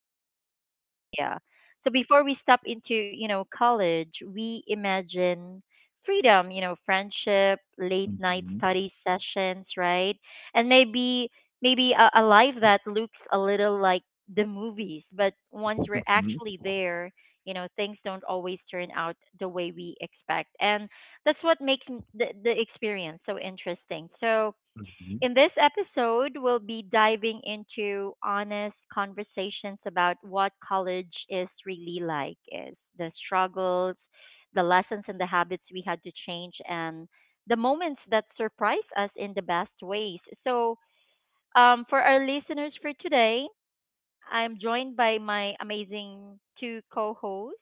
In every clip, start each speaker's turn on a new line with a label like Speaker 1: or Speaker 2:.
Speaker 1: see on social media. So before we step into, college, we imagine freedom, friendship, late night
Speaker 2: Mhm,
Speaker 1: study sessions, right? And maybe a life that looks a little like the movies, but once we're
Speaker 2: mhm,
Speaker 1: actually there, you know, things don't always turn out the way we expect. And that's what makes the experience so interesting. So,
Speaker 2: mhm,
Speaker 1: in this episode, we'll be diving into honest conversations about what college is really like is the struggles, the lessons, and the habits we had to change, and the moments that surprise us in the best ways. So, for our listeners for today, I'm joined by my amazing two co hosts.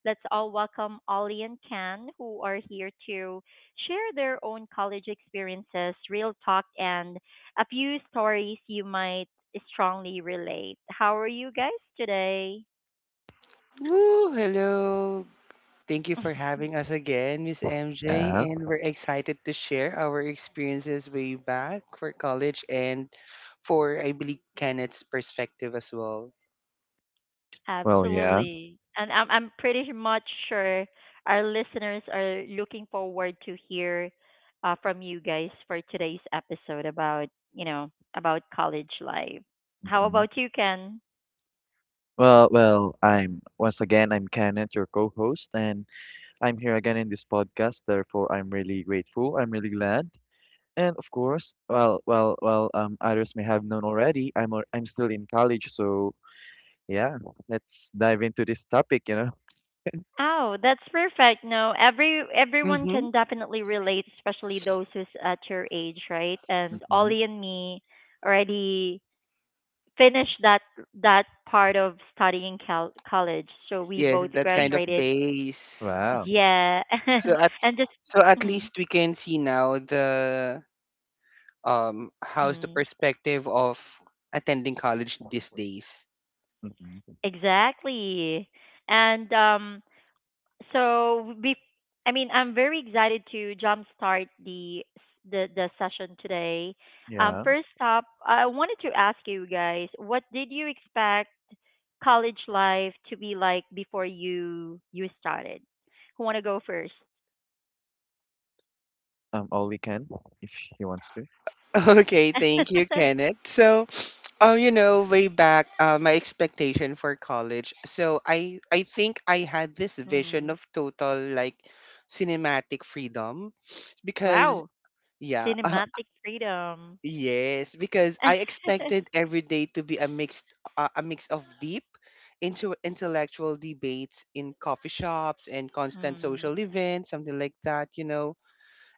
Speaker 1: Let's all welcome Ollie and Ken, who are here to share their own college experiences, real talk, and a few stories you might strongly relate. How are you guys today?
Speaker 3: Woo! Hello. Thank you for having us again, Miss MJ,
Speaker 2: Yeah.
Speaker 3: and we're excited to share our experiences way back for college and for I believe Kenneth's perspective as well.
Speaker 2: Well, yeah.
Speaker 1: Absolutely. And I'm pretty much sure our listeners are looking forward to hear from you guys for today's episode about, you know, about college life. How
Speaker 2: Mhm.
Speaker 1: about you, Ken?
Speaker 2: Well, I'm once again, I'm Kenneth, your co-host, and I'm here again in this podcast. Therefore, I'm really grateful. I'm really glad. And of course, others may have known already. I'm still in college, so yeah, let's dive into this topic, you know.
Speaker 1: Oh, that's perfect. No, everyone
Speaker 3: Mm-hmm.
Speaker 1: can definitely relate, especially those who's at your age, right? And
Speaker 2: Mhm.
Speaker 1: Ollie and me already finished that that part of studying college, so we
Speaker 3: Yes,
Speaker 1: both
Speaker 3: that kind of
Speaker 1: graduated.
Speaker 2: Mhm.
Speaker 3: pace.
Speaker 2: Wow.
Speaker 1: Yeah,
Speaker 3: So at
Speaker 1: and just
Speaker 3: so at
Speaker 1: mm,
Speaker 3: least we can see now the how's the
Speaker 1: mm,
Speaker 3: perspective of attending college these days.
Speaker 2: Mhm.
Speaker 1: exactly. And so be, I mean, I'm very excited to jumpstart the session today.
Speaker 2: Yeah.
Speaker 1: First up, I wanted to ask you guys, what did you expect college life to be like before you started? Who want to go first?
Speaker 2: Ollie can if he wants to.
Speaker 3: Okay, thank you, Kenneth. Oh, you know, way back, my expectation for college. So I think I had this vision
Speaker 1: Mm.
Speaker 3: of total like cinematic freedom, because
Speaker 1: Wow,
Speaker 3: yeah,
Speaker 1: cinematic freedom.
Speaker 3: yes, because I expected every day to be a mix of deep, into intellectual debates in coffee shops and constant social events, something like that. You know,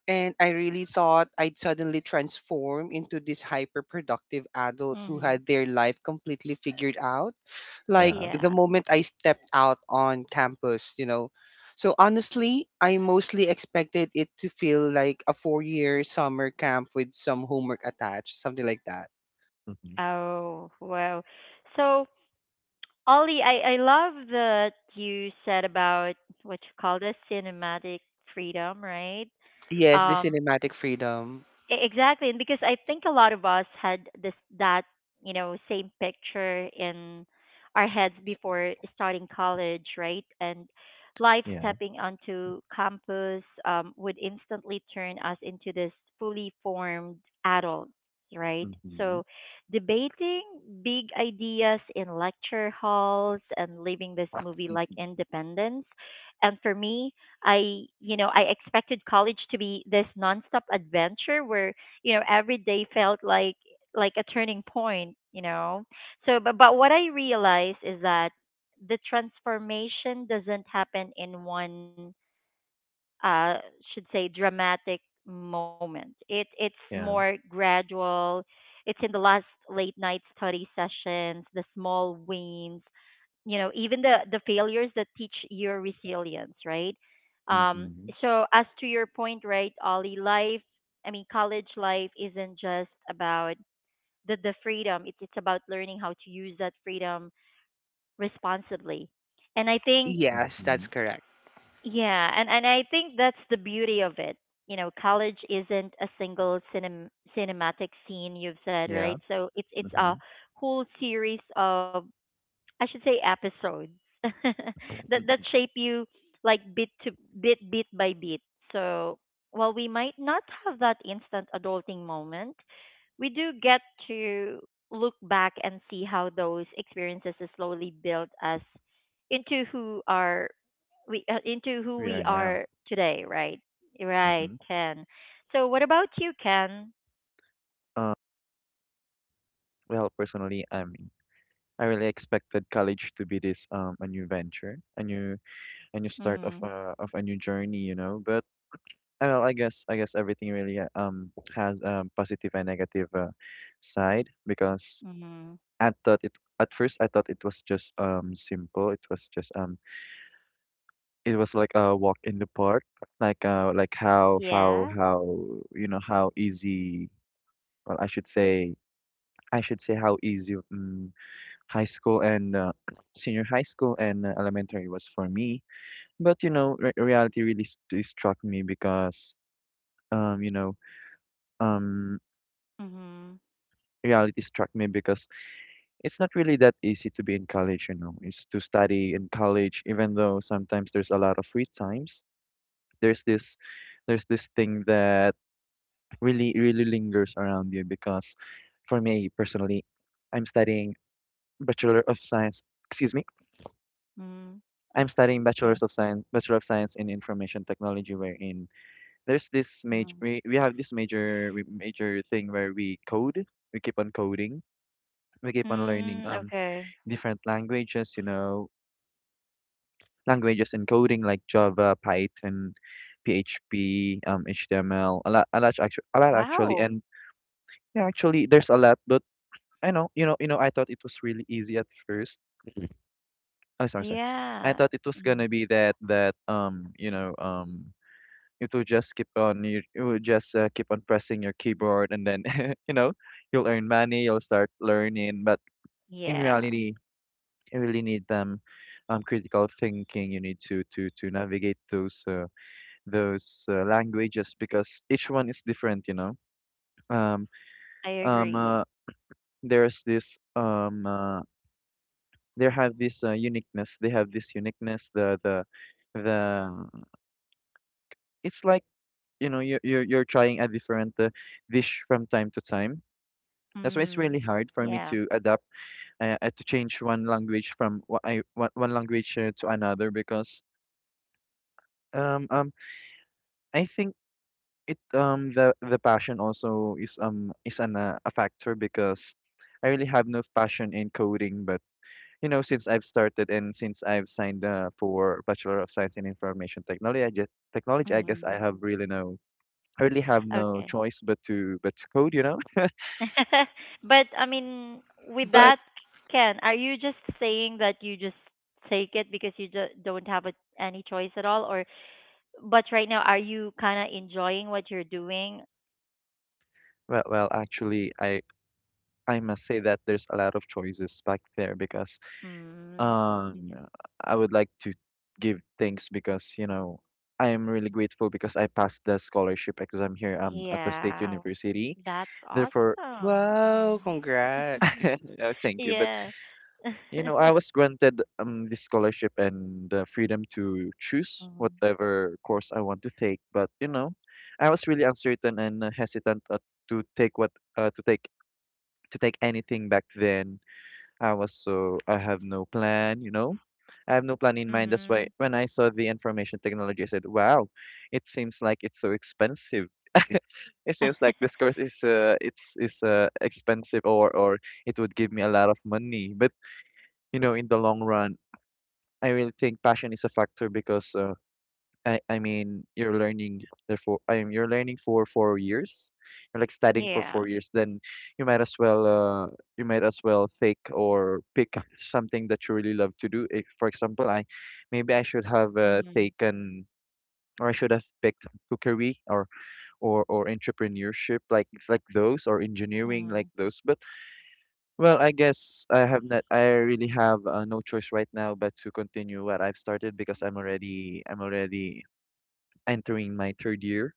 Speaker 3: and I really thought I'd suddenly transform into this hyperproductive adult who
Speaker 1: Mm.
Speaker 3: had their life completely figured out, like
Speaker 2: Yeah.
Speaker 3: the
Speaker 1: Yeah.
Speaker 3: moment I stepped out on campus. So honestly, I mostly expected it to feel like a 4-year summer camp with some homework attached, something like that.
Speaker 2: Mhm.
Speaker 1: Oh, wow. So, Ollie, I love that you said about what you call the cinematic freedom, right?
Speaker 3: Yes, the
Speaker 1: Um,
Speaker 3: cinematic freedom.
Speaker 1: E- Exactly, and because I think a lot of us had this that you know same picture in our heads before starting college, right? And life
Speaker 2: Yeah.
Speaker 1: stepping onto campus would instantly turn us into this fully formed adults, right?
Speaker 2: Mhm.
Speaker 1: So debating big ideas in lecture halls and living this movie like independence. And for me, you know, I expected college to be this nonstop adventure where, you know, every day felt like a turning point, you know. So but what I realized is that the transformation doesn't happen in one uh, should say dramatic moment. It's more
Speaker 2: Yeah.
Speaker 1: gradual. It's in the last late night study sessions, the small wins, you know, even the failures that teach your resilience, right? Um,
Speaker 2: Mm-hmm.
Speaker 1: so as to your point, right, Ollie, I mean, college life isn't just about the freedom. It's about learning how to use that freedom responsibly. And I think
Speaker 3: Yes, that's
Speaker 2: Mhm.
Speaker 3: correct.
Speaker 1: yeah, and I think that's the beauty of it. You know, college isn't a single cinematic scene you've said, right?
Speaker 2: Yeah.
Speaker 1: So it's a
Speaker 2: Mhm.
Speaker 1: whole series of I should say episodes that that shape you like bit by bit. So while we might not have that instant adulting moment, we do get to look back and see how those experiences has slowly built us into who are we into who
Speaker 2: We
Speaker 1: we
Speaker 2: are now.
Speaker 1: are today, right? Right,
Speaker 2: Mhm.
Speaker 1: Ken. So what about you, Ken?
Speaker 2: Uh, well, personally, I mean, I really expected college to be this a new venture, a new start of
Speaker 1: Mhm.
Speaker 2: a new journey, you know. But well, I guess everything really has positive and negative side, because
Speaker 1: Mhm.
Speaker 2: I thought it I thought it was just simple. It was just it was like a walk in the park, like how how
Speaker 1: Yeah.
Speaker 2: how you know how easy. Well, I should say. I should say how easy high school and senior high school and elementary was for me. But you know, reality really struck me, because um you know um
Speaker 1: Mhm.
Speaker 2: reality struck me because it's not really that easy to be in college. You know, it's to study in college, even though sometimes there's a lot of free times. There's this there's this thing that really really lingers around you, because for me personally, I'm studying Bachelor of Science. Excuse me,
Speaker 1: Mhm. I'm
Speaker 2: I'm
Speaker 1: s-
Speaker 2: studying
Speaker 1: yeah.
Speaker 2: Bachelor's of Science, Bachelor of Science in Information Technology, wherein there's this
Speaker 1: Mm.
Speaker 2: major, we have this major, major thing where we code, we keep on coding, we keep on learning
Speaker 1: Mm, okay.
Speaker 2: different languages, you know, languages and coding like Java, Python, PHP, HTML, a lot actually,
Speaker 1: Wow.
Speaker 2: and yeah, actually there's a lot. But you know, I thought it was really easy at first. Oh, sorry, sorry. I
Speaker 1: Yeah.
Speaker 2: thought it was gonna
Speaker 1: Mm.
Speaker 2: be that it will just keep on you will just keep on pressing your keyboard and then you know you'll earn money. You'll start learning, but in
Speaker 1: Yeah.
Speaker 2: reality, you really need them. Critical thinking. You need to navigate those languages, because each one is different. You know. Um.
Speaker 1: I
Speaker 2: Um.
Speaker 1: agree.
Speaker 2: Uh, there's this. They have this uniqueness. They have this uniqueness. The It's like you know you're trying a different dish from time to time. That's why it's really
Speaker 1: Mm.
Speaker 2: hard for me
Speaker 1: Yeah.
Speaker 2: to adapt, to change one language from one language to another, because um um I think it the passion also is an a factor, because I really have no passion in coding. But you know, since I've started and since I've signed for Bachelor of Science in Information Technology, I guess
Speaker 1: Mm.
Speaker 2: I have really no, I really have no
Speaker 1: Okay.
Speaker 2: choice but to code, you know.
Speaker 1: But I mean, with
Speaker 3: But
Speaker 1: that, Ken, are you just saying that you just take it because you just don't have any choice at all, or but right now, are you kind of enjoying what you're doing?
Speaker 2: Well, actually I must say that there's a lot of choices back there, because
Speaker 1: Mm.
Speaker 2: um I would like to give thanks, because you know I am really grateful, because I passed the scholarship exam here at the state
Speaker 1: Yeah.
Speaker 2: university.
Speaker 1: That's
Speaker 2: Therefore,
Speaker 1: awesome.
Speaker 3: wow,
Speaker 1: Mhm.
Speaker 3: congrats.
Speaker 2: no, thank you. But
Speaker 1: Yeah.
Speaker 2: you know, I was granted this scholarship and the freedom to choose
Speaker 1: Mm-hmm.
Speaker 2: whatever course I want to take. But you know, I was really uncertain and hesitant, to take what uh, to take to take anything back then. I was so I have no plan, you know. I have no plan in mind. That's why
Speaker 1: Hmm.
Speaker 2: when I saw the information technology, I said, "Wow, it seems like it's so expensive." It seems like this course is expensive, or it would give me a lot of money. But you know, in the long run, I really think passion is a factor. Because. I mean you're learning therefore I mean you're learning for 4 years. You're like studying for
Speaker 1: Yeah.
Speaker 2: 4 years, then you might as well uh you might as well take or pick something that you really love to do. If, for example, I should have
Speaker 1: Mm-hmm.
Speaker 2: taken or I should have picked cookery, or entrepreneurship like those, or engineering
Speaker 1: Mm-hmm.
Speaker 2: like those. But well, I really have no choice right now but to continue what I've started, because I'm already entering my 3rd year.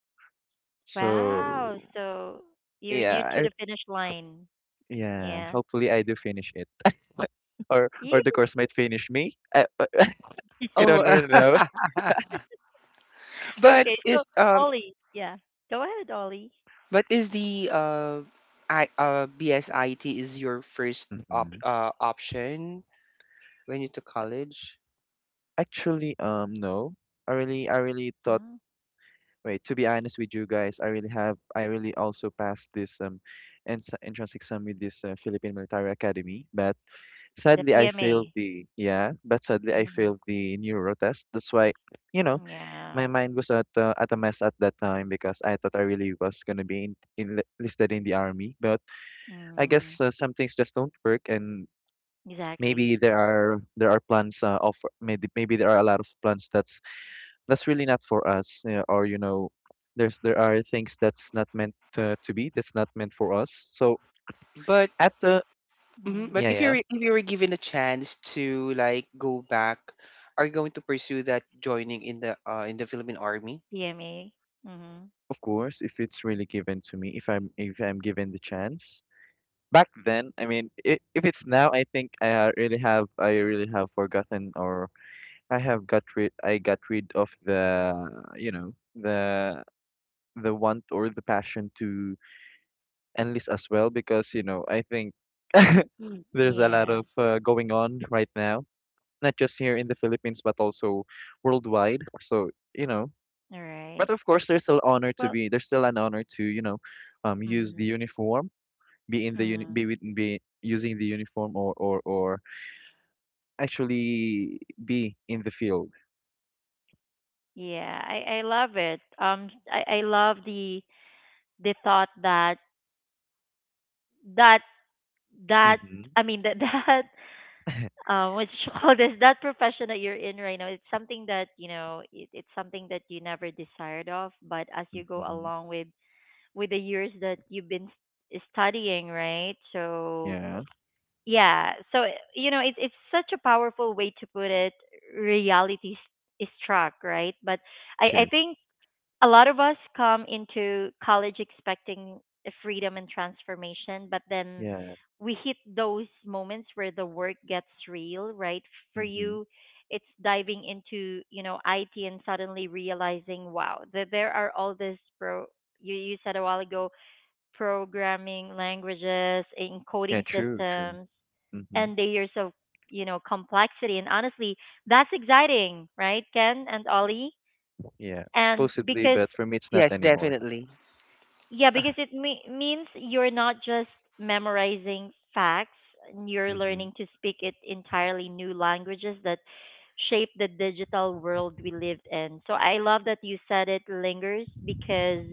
Speaker 1: Wow.
Speaker 2: So
Speaker 1: So you're near
Speaker 2: yeah,
Speaker 1: to the finish line.
Speaker 2: yeah.
Speaker 1: Yeah.
Speaker 2: Hopefully, I do finish it, or
Speaker 1: You.
Speaker 2: the course might finish me. I don't
Speaker 3: Oh,
Speaker 2: really know.
Speaker 3: but
Speaker 1: Okay. So
Speaker 3: is um
Speaker 1: Ollie. Yeah. Go ahead, Ollie.
Speaker 3: But is the I BSIT is your first op
Speaker 2: Mhm.
Speaker 3: option when you took college?
Speaker 2: Actually, no. I really thought.
Speaker 1: Hmm.
Speaker 2: Wait, to be honest with you guys, I really have. I really also passed this entrance exam with this Philippine Military Academy, but
Speaker 1: The
Speaker 2: sadly I failed
Speaker 1: PMA.
Speaker 2: the yeah. But sadly I
Speaker 1: Mm-hmm.
Speaker 2: failed the neuro test. That's why, you know,
Speaker 1: Yeah.
Speaker 2: my mind was at a mess at that time, because I thought I really was gonna be enlisted in the army. But I
Speaker 1: Mm,
Speaker 2: guess some things just don't work, and
Speaker 1: exactly.
Speaker 2: maybe there are plans of maybe maybe there are a lot of plans that's really not for us, or you know, there are things that's not meant to be, that's not meant for us. So
Speaker 3: But
Speaker 2: at the
Speaker 3: mhm, but
Speaker 1: Mm,
Speaker 2: yeah,
Speaker 3: if
Speaker 2: yeah,
Speaker 3: you're if you were given a chance to like go back, are you going to pursue that joining in the Philippine Army?
Speaker 1: PMA. Mm-hmm.
Speaker 2: of course, if it's really given to me, if I'm given the chance. Back then, I mean, I if it's now, I think I, really have I really have forgotten, or I got rid of, the you know, the want or the passion to enlist as well, because you know I think there's a lot
Speaker 1: Yeah.
Speaker 2: of going on right now, not just here in the Philippines but also worldwide. So you know,
Speaker 1: All right.
Speaker 2: but of course,
Speaker 1: Well.
Speaker 2: there's still an honor to, you know, use the uniform,
Speaker 1: Mm-hmm.
Speaker 2: be using the uniform, or actually be in the field.
Speaker 1: Yeah, I love it. I love the thought that that
Speaker 2: Mm-hmm.
Speaker 1: I mean that that what you call this that profession that you're in right now. It's something that you know it's something that you never desired of, but as you go
Speaker 2: Mm-hmm.
Speaker 1: along with the years that you've been studying, right? So
Speaker 2: Yeah,
Speaker 1: yeah, so you know it's such a powerful way to put it. Reality struck, right? But I
Speaker 2: true.
Speaker 1: think a lot of us come into college expecting a freedom and transformation, but then
Speaker 2: Yeah.
Speaker 1: we hit those moments where the work gets real, right? For
Speaker 2: Mm-hmm.
Speaker 1: you, it's diving into, you know, IT and suddenly realizing, wow, that there are all this pro you said a while ago, programming languages and
Speaker 2: Yeah,
Speaker 1: coding
Speaker 2: true, true.
Speaker 1: systems
Speaker 2: Mm-hmm.
Speaker 1: and layers of, you know, complexity. And honestly, that's exciting, right, Ken and Ollie?
Speaker 2: Yeah,
Speaker 1: And
Speaker 2: supposedly,
Speaker 1: because
Speaker 2: but for me, it's not
Speaker 3: Yes,
Speaker 2: anymore.
Speaker 3: definitely.
Speaker 1: Yeah,
Speaker 3: Uh,
Speaker 1: because it means you're not just memorizing facts, and you're
Speaker 2: Mm-hmm.
Speaker 1: learning to speak it entirely new languages that shape the digital world we live in. So I love that you said it lingers because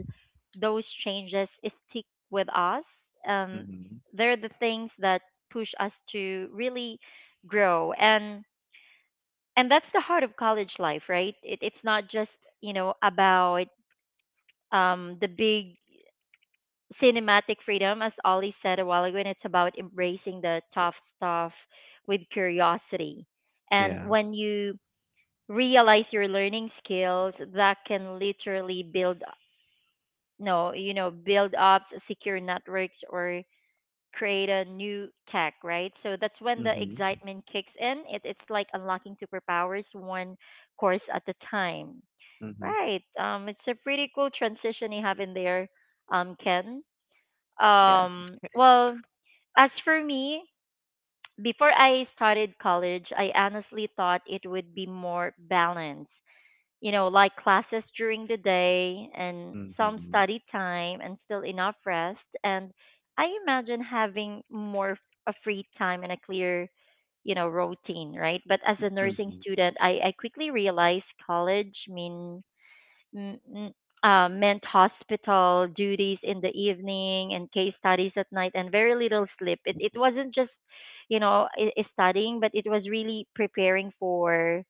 Speaker 1: those changes stick with us. Um,
Speaker 2: Mm-hmm.
Speaker 1: they're the things that push us to really grow, and that's the heart of college life, right? It's not just you know about the big cinematic freedom, as Ollie said a while ago, and it's about embracing the tough stuff with curiosity. And
Speaker 2: Yeah.
Speaker 1: when you realize your learning skills, that can literally build no, you know, build up secure networks or create a new tech, right? So that's when the
Speaker 2: Mm-hmm.
Speaker 1: excitement kicks in. It's like unlocking superpowers one course at a time.
Speaker 2: Mm-hmm.
Speaker 1: Right. It's a pretty cool transition you have in there, Ken.
Speaker 2: Yeah.
Speaker 1: Well, as for me, before I started college, I honestly thought it would be more balanced. You know, like classes during the day and some
Speaker 2: Mm-hmm.
Speaker 1: study time and still enough rest. And I imagine having a free time and a clear, you know, routine, right? But as a nursing
Speaker 2: Mm-hmm.
Speaker 1: student, I quickly realized college mm, mm, meant hospital duties in the evening and case studies at night and very little sleep. It wasn't just you know studying, but it was really preparing for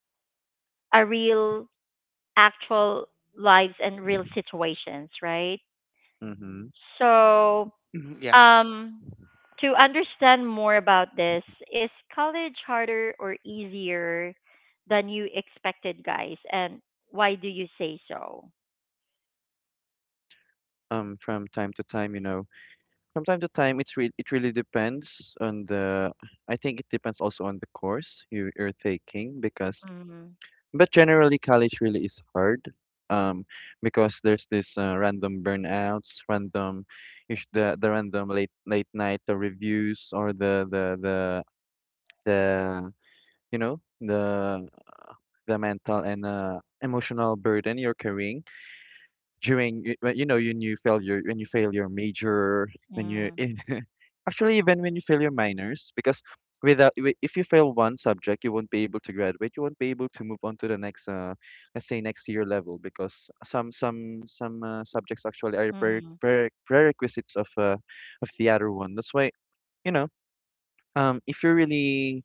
Speaker 1: a real, actual lives and real situations, right?
Speaker 2: Mm-hmm.
Speaker 1: So,
Speaker 3: mhm, yeah.
Speaker 1: um, to understand more about this, is college harder or easier than you expected, guys? And why do you say so?
Speaker 2: Um, from time to time you know, from time to time it's it really depends on the, I think it depends also on the course you're taking. Because
Speaker 1: Mm-hmm.
Speaker 2: but generally college really is hard, um because there's this random burnouts, random the random late night the reviews, or the you know the mental and emotional burden you're carrying during when, you know, when you fail your, when you fail your major, when you
Speaker 1: Mm-hmm.
Speaker 2: actually even when you fail your minors. Because without wi- if you fail one subject, you won't be able to graduate, you won't be able to move on to the next, let's say next year level, because some subjects actually are
Speaker 1: Mhm.
Speaker 2: prerequisites of the other one. That's why, you know, if you're really,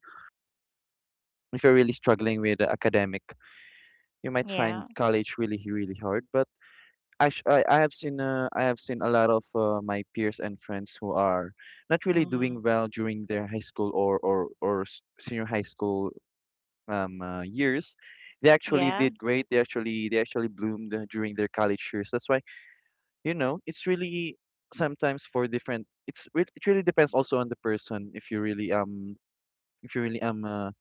Speaker 2: struggling with academic, you might
Speaker 1: Yeah.
Speaker 2: find college really really hard. But I have seen a lot of my peers and friends who are not really doing
Speaker 1: Mhm.
Speaker 2: well during their high school or senior high school years. They actually
Speaker 1: Yeah.
Speaker 2: did great. They actually bloomed during their college years. That's why, you know, it's really sometimes for different. It's it really depends also on the person, if you really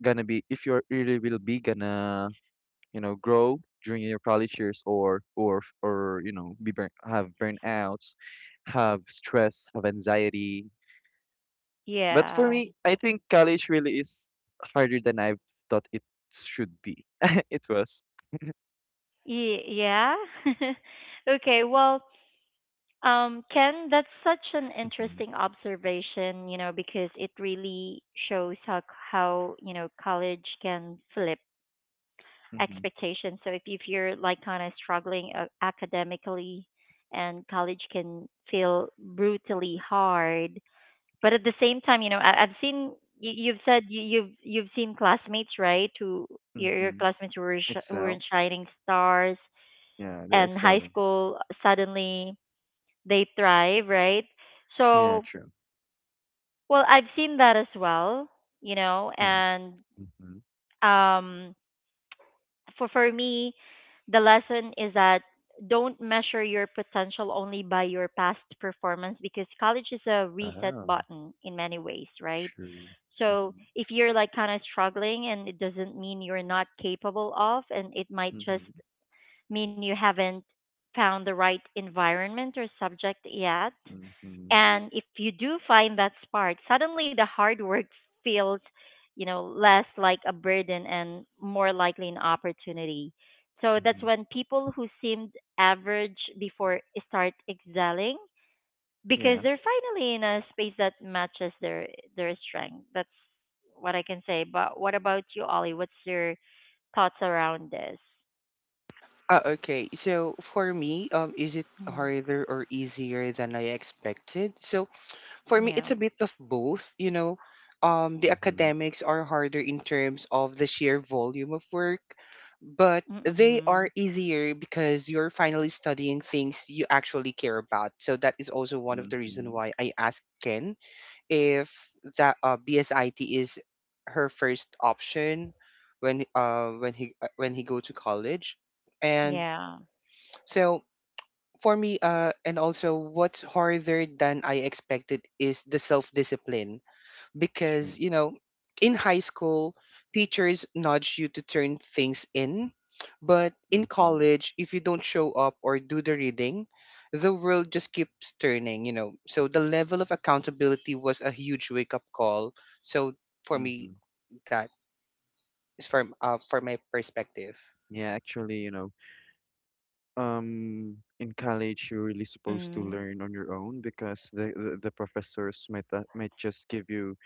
Speaker 2: gonna be if you're really will be gonna, you know, grow during your college years, or you know be burn, have burnouts, have stress, have anxiety. But for
Speaker 1: Yeah.
Speaker 2: me, I think college really is harder than I thought it should be. It was.
Speaker 1: Yeah. Okay. Well, Ken, that's such an
Speaker 2: Hmm.
Speaker 1: interesting observation. You know, because it really shows how you know college can flip
Speaker 2: Hmm.
Speaker 1: expectations. So if you're like kind of struggling academically, and college can feel brutally hard but at the same time, you know, I've seen you, you've seen classmates, right? Who your
Speaker 2: Hmm.
Speaker 1: classmates who were who were
Speaker 2: Excel.
Speaker 1: in shining stars
Speaker 2: Yeah, they're
Speaker 1: and high
Speaker 2: excelling.
Speaker 1: school suddenly they thrive, right?
Speaker 2: Yeah,
Speaker 1: So,
Speaker 2: true.
Speaker 1: well, I've seen that as well, you know,
Speaker 2: Yeah.
Speaker 1: and
Speaker 2: Hmm.
Speaker 1: um for me, the lesson is that don't measure your potential only by your past performance because college is a reset
Speaker 2: Wow.
Speaker 1: button in many ways, right?
Speaker 2: True.
Speaker 1: So
Speaker 2: Hmm.
Speaker 1: if you're like kind of struggling and it doesn't mean you're not capable of, and it might just
Speaker 2: Hmm.
Speaker 1: mean you haven't found the right environment or subject yet.
Speaker 2: Hmm. Hmm.
Speaker 1: And if you do find that spark, suddenly the hard work feels, you know, less like a burden and more likely an opportunity. So that's when people who seemed average before start excelling because
Speaker 2: Yeah.
Speaker 1: they're finally in a space that matches their strength. That's what I can say. But what about you, Ollie? What's your thoughts around this?
Speaker 3: Okay. So for me, is it
Speaker 1: Mm.
Speaker 3: harder or easier than I expected? So for me it's
Speaker 1: Yeah.
Speaker 3: a bit of both. The
Speaker 2: Hmm.
Speaker 3: academics are harder in terms of the sheer volume of work, but they are
Speaker 1: Mm-mm.
Speaker 3: easier because you're finally studying things you actually care about, so that is also one of the reason
Speaker 2: Hmm.
Speaker 3: why I asked Ken if that BSIT is her first option when he go to college. And
Speaker 1: Yeah.
Speaker 3: so for me, and also what's harder than I expected is the self discipline
Speaker 2: True.
Speaker 3: because you know in high school teachers nudge you to turn things in, but in
Speaker 2: Hmm.
Speaker 3: college if you don't show up or do the reading, the world just keeps turning. So the level of accountability was a huge wake up call. So for me,
Speaker 2: Hmm.
Speaker 3: that is from for my perspective.
Speaker 2: Yeah, actually, you know, in college you're really supposed to
Speaker 1: Mm-mm.
Speaker 2: learn on your own, because the professors might just give you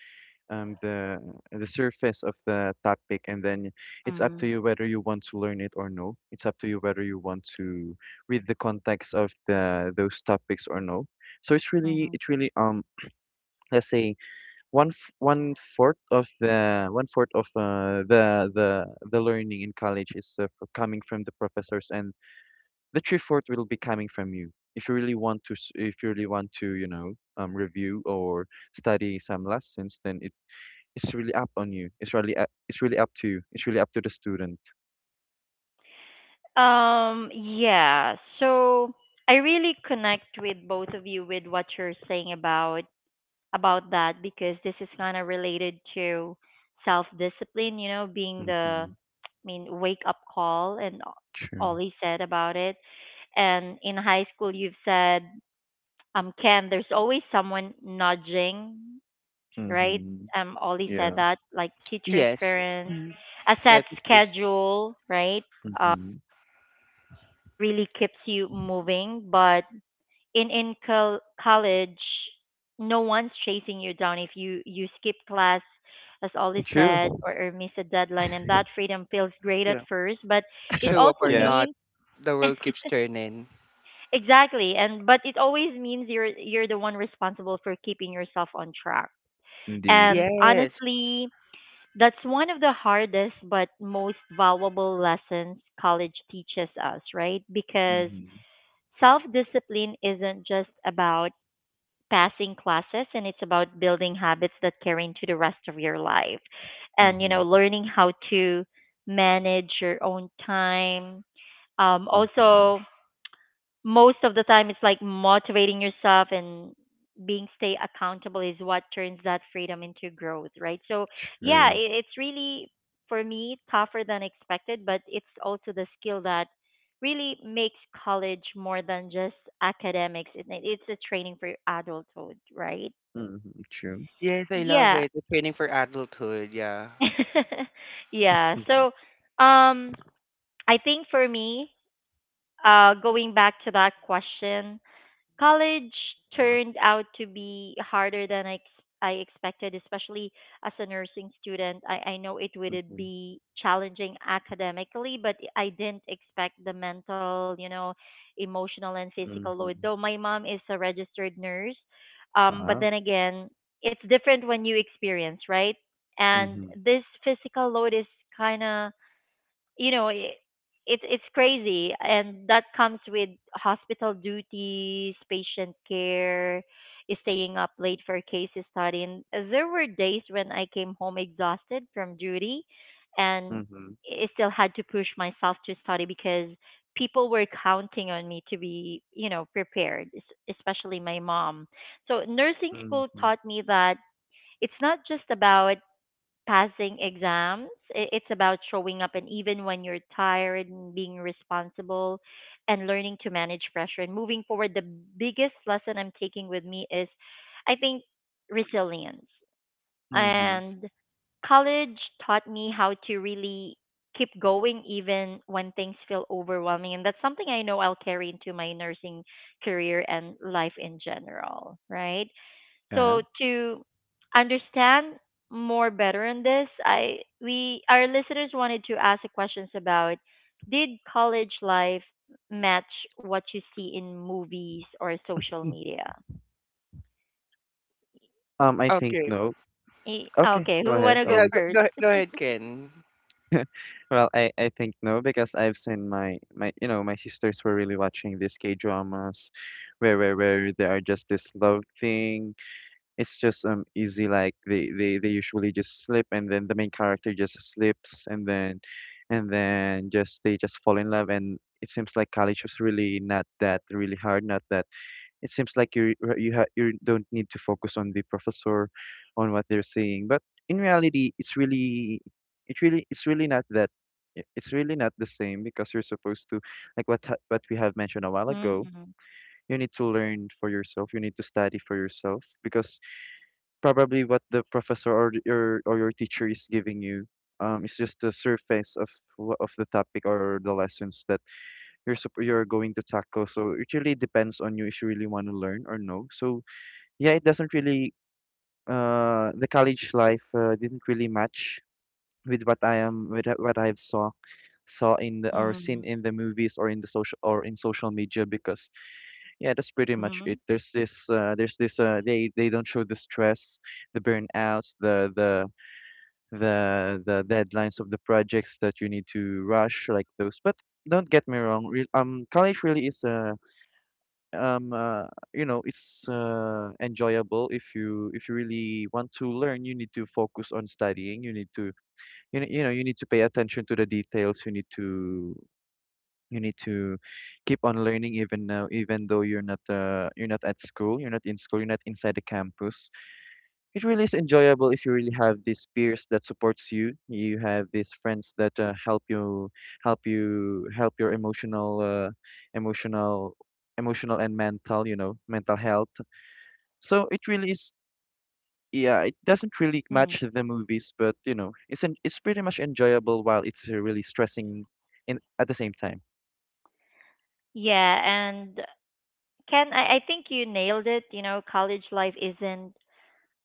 Speaker 2: um the the surface of the topic, and then it's up to
Speaker 1: Mm.
Speaker 2: you whether you want to learn it or no. It's up to you whether you want to read the context of the those topics or no. So it's really
Speaker 1: Mm.
Speaker 2: let's say one fourth of the learning in college is coming from the professors, and the true fourth will be coming from you. If you really want to, s- if you really want to, you know, review or study some lessons, it's really up on you. It's really up to you. It's really up to the student.
Speaker 1: Yeah. So I really connect with both of you with what you're saying about that because this is kind of related to self-discipline, you know, being the
Speaker 2: Mm-hmm.
Speaker 1: I mean, wake up call and
Speaker 2: True.
Speaker 1: all he said about it. And in high school you've said, Ken, there's always someone nudging right?
Speaker 2: Mm-hmm.
Speaker 1: Ollie said
Speaker 2: Yeah.
Speaker 1: that, like teachers,
Speaker 3: Yes.
Speaker 1: parents,
Speaker 3: Mhm.
Speaker 1: a set
Speaker 3: Yeah, teachers
Speaker 1: schedule, right? Um,
Speaker 2: Mm-hmm.
Speaker 1: really keeps you moving. But in college, no one's chasing you down if you skip class, as Ollie said,
Speaker 2: True.
Speaker 1: or miss a deadline, and that freedom feels great
Speaker 3: you
Speaker 1: at
Speaker 3: know
Speaker 1: first, but it
Speaker 3: show up
Speaker 1: also
Speaker 3: or
Speaker 2: Yeah.
Speaker 3: not,
Speaker 1: means
Speaker 3: the world keeps turning.
Speaker 1: Exactly, and but it always means you're the one responsible for keeping yourself on track.
Speaker 2: Indeed.
Speaker 1: And
Speaker 3: Yes.
Speaker 1: honestly, that's one of the hardest but most valuable lessons college teaches us, right? Because
Speaker 2: Mm-hmm.
Speaker 1: self discipline isn't just about passing classes and it's about building habits that carry into the rest of your life. And, you
Speaker 2: Mm-hmm.
Speaker 1: know, learning how to manage your own time. Um,
Speaker 2: Mm-hmm.
Speaker 1: also, most of the time it's like motivating yourself and being stay accountable is what turns that freedom into growth, right? So yeah,
Speaker 2: True.
Speaker 1: it's really for me tougher than expected, but it's also the skill that really makes college more than just academics. It's a training for adulthood, right?
Speaker 2: Mm-hmm. True.
Speaker 3: Yes, I love
Speaker 1: Yeah.
Speaker 3: it, the training for adulthood. Yeah.
Speaker 1: Yeah.
Speaker 2: Mm-hmm.
Speaker 1: So um I think for me, going back to that question, college
Speaker 2: Yeah.
Speaker 1: turned out to be harder than I expected, especially as a nursing student. I know it would
Speaker 2: Mm-hmm.
Speaker 1: be challenging academically, but I didn't expect the mental, emotional and physical load.
Speaker 2: Mm-hmm.
Speaker 1: Though my mom is a registered nurse, but
Speaker 2: Wow.
Speaker 1: then again, it's different when you experience, right? And
Speaker 2: Mm-hmm.
Speaker 1: this physical load is kind of, you know, it's crazy, and that comes with hospital duties, patient care, staying up late for case study. And there were days when I came home exhausted from duty, and
Speaker 2: Mm-hmm.
Speaker 1: I still had to push myself to study because people were counting on me to be, prepared, especially my mom. So nursing school
Speaker 2: Mm-hmm.
Speaker 1: taught me that it's not just about passing exams. It's about showing up, and even when you're tired, and being responsible, and learning to manage pressure. And moving forward, the biggest lesson I'm taking with me is, I think, resilience.
Speaker 2: Mm-hmm.
Speaker 1: And college taught me how to really keep going even when things feel overwhelming, and that's something I know I'll carry into my nursing career and life in general, right?
Speaker 2: Yeah.
Speaker 1: So to understand more better in this, I we, our listeners wanted to ask the questions about, did college life match what you see in movies or social media?
Speaker 2: I think
Speaker 3: Okay.
Speaker 2: no.
Speaker 1: Eh,
Speaker 2: Okay,
Speaker 1: okay,
Speaker 2: go
Speaker 1: who want
Speaker 2: ahead,
Speaker 1: to go
Speaker 3: Yeah,
Speaker 2: Ollie.
Speaker 3: go,
Speaker 1: 1st?
Speaker 3: go, go ahead, Ken.
Speaker 2: Well, I think no because I've seen my my sisters were really watching these K dramas, where they are just this love thing. It's just easy like they usually just slip and then the main character just slips and then just fall in love, and it seems like college was really not that really hard, not that it seems like you don't need to focus on the professor on what they're saying. But in reality, it's really not that it's really not the same because you're supposed to, like what we have mentioned a while ago,
Speaker 1: Mm-hmm.
Speaker 2: you need to learn for yourself, you need to study for yourself, because probably what the professor or your teacher is giving you is just the surface of of the topic or the lessons that you're going to tackle. So it really depends on you if you really want to learn or no. So yeah, it doesn't really the college life didn't really match with what I've saw saw in the or
Speaker 1: Mm-hmm.
Speaker 2: seen in the movies or in social media, because yeah, that's pretty
Speaker 1: Mm-hmm.
Speaker 2: much it. There's this, they don't show the stress, the burnouts, the deadlines of the projects that you need to rush, like those. But don't get me wrong, college really is a um uh, you know, it's enjoyable. If you really want to learn, you need to focus on studying, you need to you need to pay attention to the details, you need to you need to keep on learning even now, even though you're not at school, you're not in school, you're not inside the campus. It really is enjoyable if you really have these peers that supports you. You have these friends that help you, help your emotional, emotional and mental, you know, mental health. So it really is. Yeah, it doesn't really
Speaker 1: Mm.
Speaker 2: match the movies, but you know, it's it's pretty much enjoyable while it's really stressing, in at the same time.
Speaker 1: Yeah, and Ken, I think you nailed it. You know, college life isn't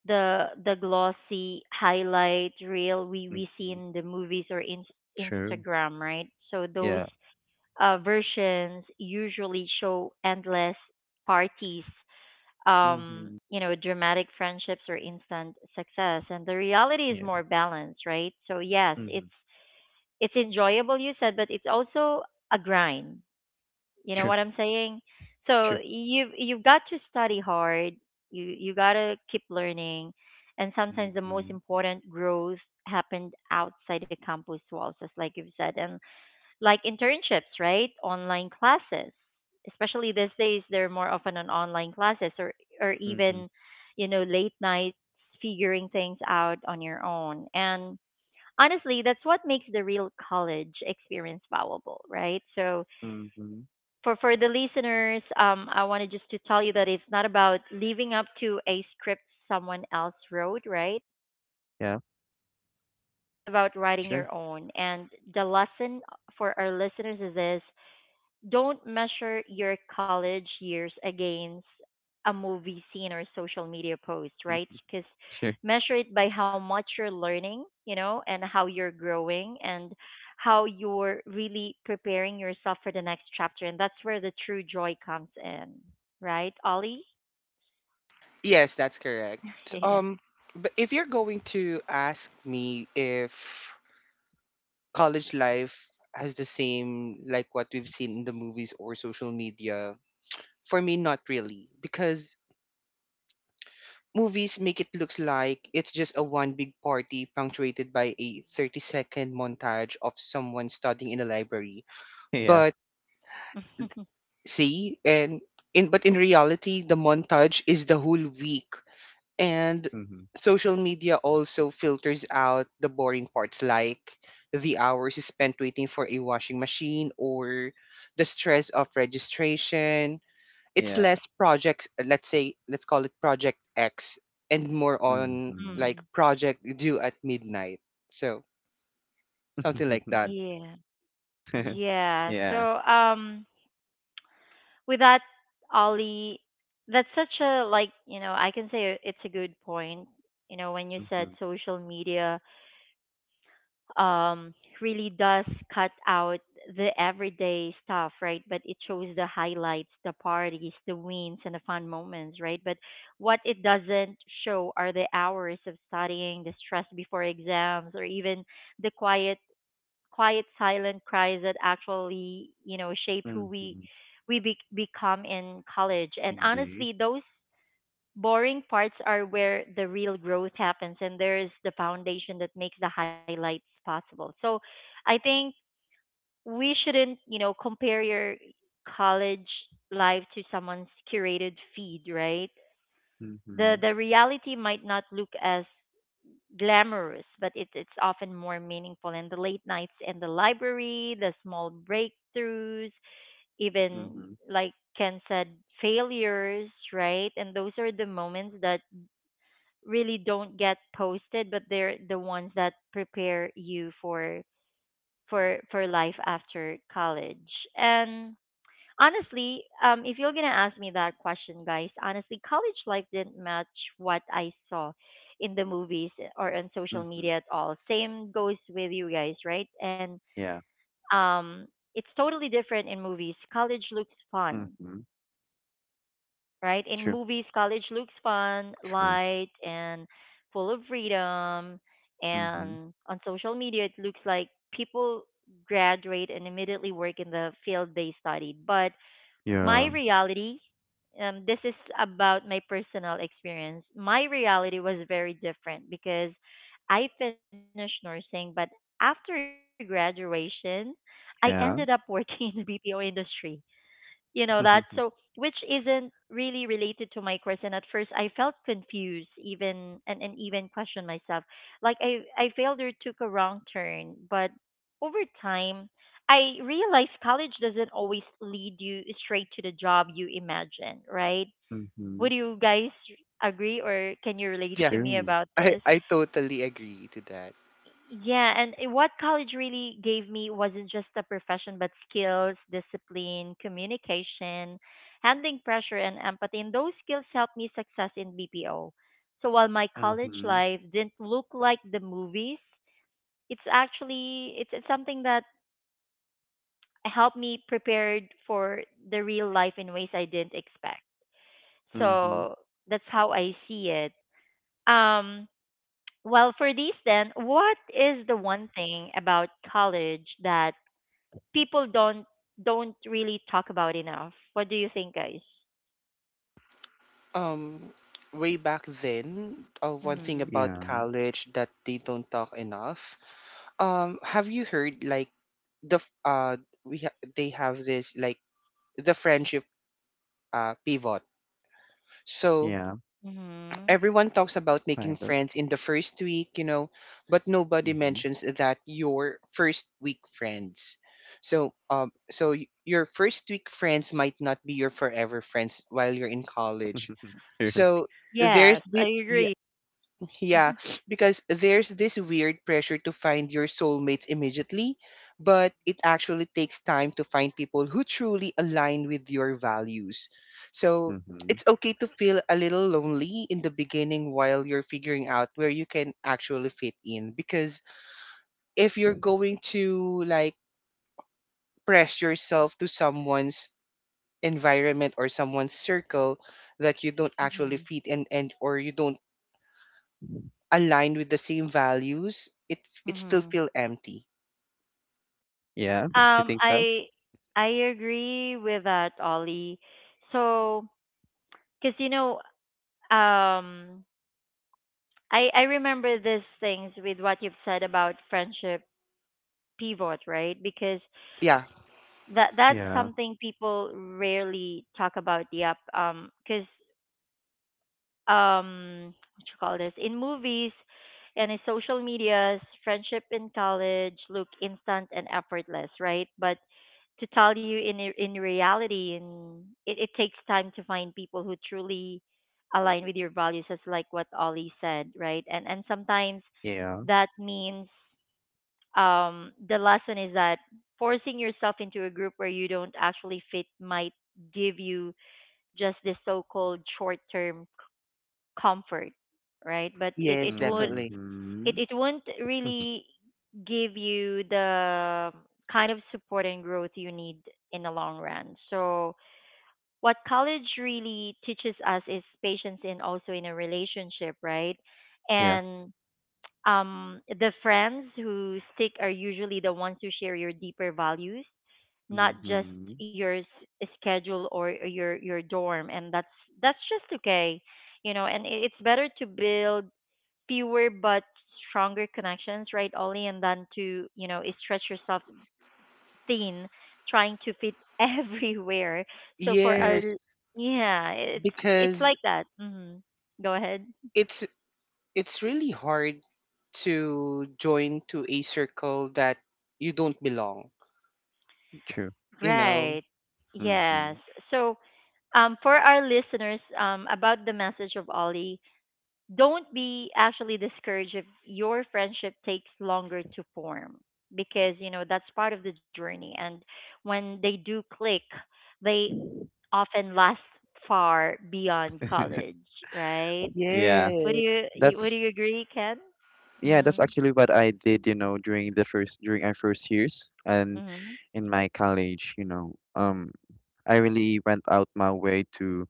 Speaker 1: the glossy highlight reel we see
Speaker 2: Hmm.
Speaker 1: in the movies or in
Speaker 2: True.
Speaker 1: Instagram, right? So those
Speaker 2: Yeah.
Speaker 1: versions usually show endless parties,
Speaker 2: Hmm.
Speaker 1: you know, dramatic friendships or instant success, and the reality is
Speaker 2: Yeah.
Speaker 1: more balanced, right? So yes, it's
Speaker 2: Hmm.
Speaker 1: it's enjoyable, you said, but it's also a grind. You know
Speaker 2: True.
Speaker 1: what I'm saying? So
Speaker 2: True.
Speaker 1: you've got to study hard. You gotta keep learning, and sometimes the most
Speaker 2: Hmm.
Speaker 1: important growth happened outside the campus walls, just like you've said, and like internships, right? Online classes, especially these days, they're more often on online classes, or
Speaker 2: Hmm.
Speaker 1: even, you know, late nights figuring things out on your own. And honestly, that's what makes the real college experience valuable, right? So
Speaker 2: Hmm.
Speaker 1: for the listeners, I wanted just to tell you that it's not about living up to a script someone else wrote, right?
Speaker 2: Yeah.
Speaker 1: It's about writing
Speaker 2: True.
Speaker 1: your own. And the lesson for our listeners is this: don't measure your college years against a movie scene or a social media post, right? Because
Speaker 2: True.
Speaker 1: measure it by how much you're learning, you know, and how you're growing and how you're really preparing yourself for the next chapter. And that's where the true joy comes in, right, Ollie?
Speaker 3: Yes, that's correct.
Speaker 1: Yeah.
Speaker 3: Um, but if you're going to ask me if college life has the same like what we've seen in the movies or social media, for me, not really, because movies make it look like it's just a one big party punctuated by a 30-second montage of someone studying in a library.
Speaker 2: Yeah.
Speaker 3: But
Speaker 1: Mm.
Speaker 3: see, and in but in reality, the montage is the whole week. And
Speaker 2: Mhm.
Speaker 3: social media also filters out the boring parts like the hours spent waiting for a washing machine or the stress of registration. It's
Speaker 2: Yeah.
Speaker 3: less projects, let's say, let's call it Project X, and more on
Speaker 2: Mhm.
Speaker 3: like Project Due at Midnight. So something like that.
Speaker 1: Yeah. Yeah. So,
Speaker 2: Yeah.
Speaker 1: um, with that, Ollie, that's such a, like, you know, I can say it's a good point. You know, when you said
Speaker 2: Mhm.
Speaker 1: social media um really does cut out the everyday stuff, right? But it shows the highlights, the parties, the wins, and the fun moments, right? But what it doesn't show are the hours of studying, the stress before exams, or even the quiet, silent cries that actually, you know, shape who we
Speaker 2: Mhm.
Speaker 1: we be- become in college. And honestly,
Speaker 2: Indeed.
Speaker 1: those boring parts are where the real growth happens, and there is the foundation that makes the highlights possible. So, I think we shouldn't, you know, compare your college life to someone's curated feed, right? The
Speaker 2: Mhm.
Speaker 1: the reality might not look as glamorous, but it's often more meaningful. And the late nights in the library, the small breakthroughs, even
Speaker 2: Mhm.
Speaker 1: like Ken said, failures, right? And those are the moments that really don't get posted, but they're the ones that prepare you for for life after college. And honestly, if you're gonna ask me that question, guys, honestly, college life didn't match what I saw in the movies or on social
Speaker 2: Mhm.
Speaker 1: media at all. Same goes with you guys, right? And
Speaker 2: Yeah.
Speaker 1: um, it's totally different in movies. College looks fun,
Speaker 2: Mhm.
Speaker 1: right? In
Speaker 2: True.
Speaker 1: movies, college looks fun,
Speaker 2: True.
Speaker 1: light, and full of freedom.
Speaker 2: Mhm.
Speaker 1: And on social media, it looks like people graduate and immediately work in the field they studied, but my
Speaker 2: Yeah.
Speaker 1: reality, this is about my personal experience, my reality was very different because I finished nursing, but after graduation I
Speaker 2: Yeah.
Speaker 1: ended up working in the BPO industry, you know that. So which isn't really related to my course, and at first I felt confused, even, and even questioned myself, like I failed or took a wrong turn. But over time I realized college doesn't always lead you straight to the job you imagine, right?
Speaker 2: Mhm.
Speaker 1: Would you guys agree, or can you relate
Speaker 3: Yeah,
Speaker 1: to me
Speaker 2: True.
Speaker 1: about
Speaker 3: I,
Speaker 1: this?
Speaker 3: I totally agree to that.
Speaker 1: Yeah, and what college really gave me wasn't just a profession, but skills, discipline, communication, handling pressure, and empathy. And those skills helped me success in BPO. So while my college
Speaker 2: Mhm.
Speaker 1: life didn't look like the movies, it's something that helped me prepared for the real life in ways I didn't expect.
Speaker 2: Mhm.
Speaker 1: So that's how I see it. Um, Well, for these then, what is the one thing about college that people don't really talk about enough? What do you think, guys?
Speaker 3: Um, Way back then, one thing
Speaker 1: Mhm.
Speaker 3: about
Speaker 2: Yeah.
Speaker 3: college that they don't talk enough. Have you heard, like, the f- uh they have this like the friendship pivot? So
Speaker 2: Yeah.
Speaker 1: Mhm.
Speaker 3: everyone talks about
Speaker 2: I
Speaker 3: making
Speaker 2: got.
Speaker 3: friends in the first week, you know, but nobody
Speaker 2: Mhm.
Speaker 3: mentions that your first week friends might not be your forever friends while you're in college.
Speaker 2: True.
Speaker 3: So there's
Speaker 1: Yes, I
Speaker 3: the
Speaker 1: agree.
Speaker 3: Yeah,
Speaker 1: Mhm.
Speaker 3: because there's this weird pressure to find your soulmates immediately, but it actually takes time to find people who truly align with your values. So
Speaker 2: Mhm.
Speaker 3: it's okay to feel a little lonely in the beginning while you're figuring out where you can actually fit in. Because if you're going to like press yourself to someone's environment or someone's circle that you don't actually
Speaker 1: Mhm.
Speaker 3: fit in and or you don't aligned with the same values, it still
Speaker 1: Mhm.
Speaker 3: feel empty.
Speaker 2: Yeah. You
Speaker 1: Um,
Speaker 2: think so?
Speaker 1: I I agree with that, Ollie. So, because you know, um, I remember these things with what you've said about friendship pivot, right? Because
Speaker 3: Yeah.
Speaker 1: that that's
Speaker 2: Yeah.
Speaker 1: something people rarely talk about, yep. Because what you call this, in movies and in social medias, friendship in college look instant and effortless, right? But to tell you, in in reality, and it takes time to find people who truly align with your values, as like what Ollie said, right? And sometimes
Speaker 2: Yeah.
Speaker 1: that means, the lesson is that forcing yourself into a group where you don't actually fit might give you just this so-called short-term comfort, right? But it
Speaker 3: Yes,
Speaker 1: it would
Speaker 3: definitely.
Speaker 1: it
Speaker 2: Mhm.
Speaker 1: it won't really give you the kind of support and growth you need in the long run. So what college really teaches us is patience, and also in a relationship, right?
Speaker 2: Yeah.
Speaker 1: And the friends who stick are usually the ones who share your deeper values, not just
Speaker 2: Mhm.
Speaker 1: your schedule or your dorm, and that's just okay, you know. And it's better to build fewer but stronger connections, right, Ollie, and than to, you know, stretch yourself thin trying to fit everywhere. So for
Speaker 2: Yeah.
Speaker 1: our,
Speaker 3: Yes,
Speaker 1: yeah, it's
Speaker 3: because
Speaker 1: like that. Hmm. Go ahead.
Speaker 3: it's it's really hard to join to a circle that you don't belong,
Speaker 2: True.
Speaker 3: you know.
Speaker 1: Right. Yes.
Speaker 2: Mhm.
Speaker 1: So, for our listeners, about the message of Ollie, don't be actually discouraged if your friendship takes longer to form because, you know, that's part of the journey. And when they do click, they often last far beyond college, right?
Speaker 2: Yeah,
Speaker 3: Yeah.
Speaker 1: Would
Speaker 2: that's
Speaker 1: you agree, Ken?
Speaker 2: yeah, that's
Speaker 1: Mhm.
Speaker 2: actually what I did, you know, during the first during our first years and
Speaker 1: Mhm.
Speaker 2: in my college, you know, I really went out my way to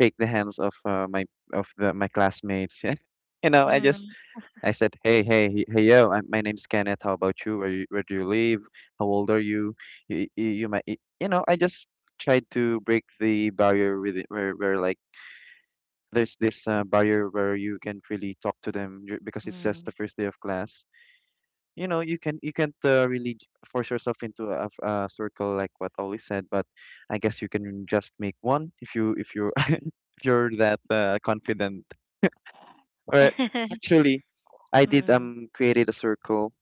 Speaker 2: shake the hands of my classmates. You know,
Speaker 1: Mhm.
Speaker 2: I said, hey, yo, my name's Kenneth. How about you? Where do you live? How old are you? You, you, you might, you know, I just tried to break the barrier with it, where like there's this barrier where you can't really talk to them because it's just the
Speaker 1: Mhm.
Speaker 2: first day of class. You know, you can't really force yourself into a circle like what Ollie said, but I guess you can just make one if you if you're that confident. Or actually, I did
Speaker 1: Mhm.
Speaker 2: created a circle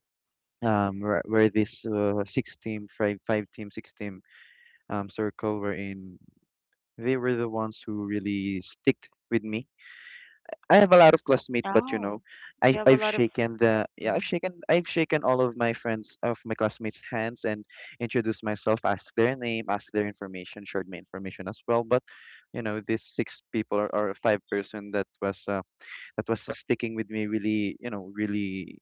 Speaker 2: where this six team five five team six team circle were in. They were the ones who really sticked with me. I have a lot of classmates, but you
Speaker 1: Oh,
Speaker 2: know, I
Speaker 1: you have a
Speaker 2: I've
Speaker 1: lot of.
Speaker 2: shaken the yeah
Speaker 1: Mm.
Speaker 2: I've shaken all of my friends of my classmates' hands and introduced myself, asked their name, asked their information, shared my information as well. But you know, this six people or five person that was sticking with me really, you know, really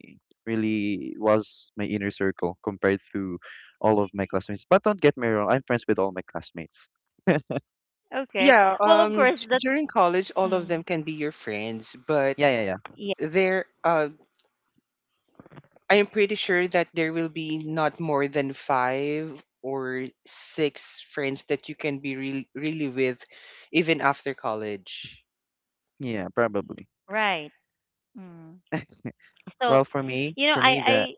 Speaker 2: really was my inner circle compared to all of my classmates. But don't get me wrong, I'm friends with all my classmates.
Speaker 1: Okay.
Speaker 3: Yeah,
Speaker 1: Well, of
Speaker 3: um
Speaker 1: course,
Speaker 3: d-
Speaker 1: that's,
Speaker 3: during college all of
Speaker 1: mm,
Speaker 3: them can be your friends, but
Speaker 2: Yeah,
Speaker 1: yeah,
Speaker 3: they're I am pretty sure that there will be not more than five or six friends that you can be really, really with even after college.
Speaker 2: yeah, probably.
Speaker 1: right. Mm.
Speaker 2: Well,
Speaker 1: So, you know,
Speaker 2: for me
Speaker 1: I
Speaker 2: that
Speaker 1: I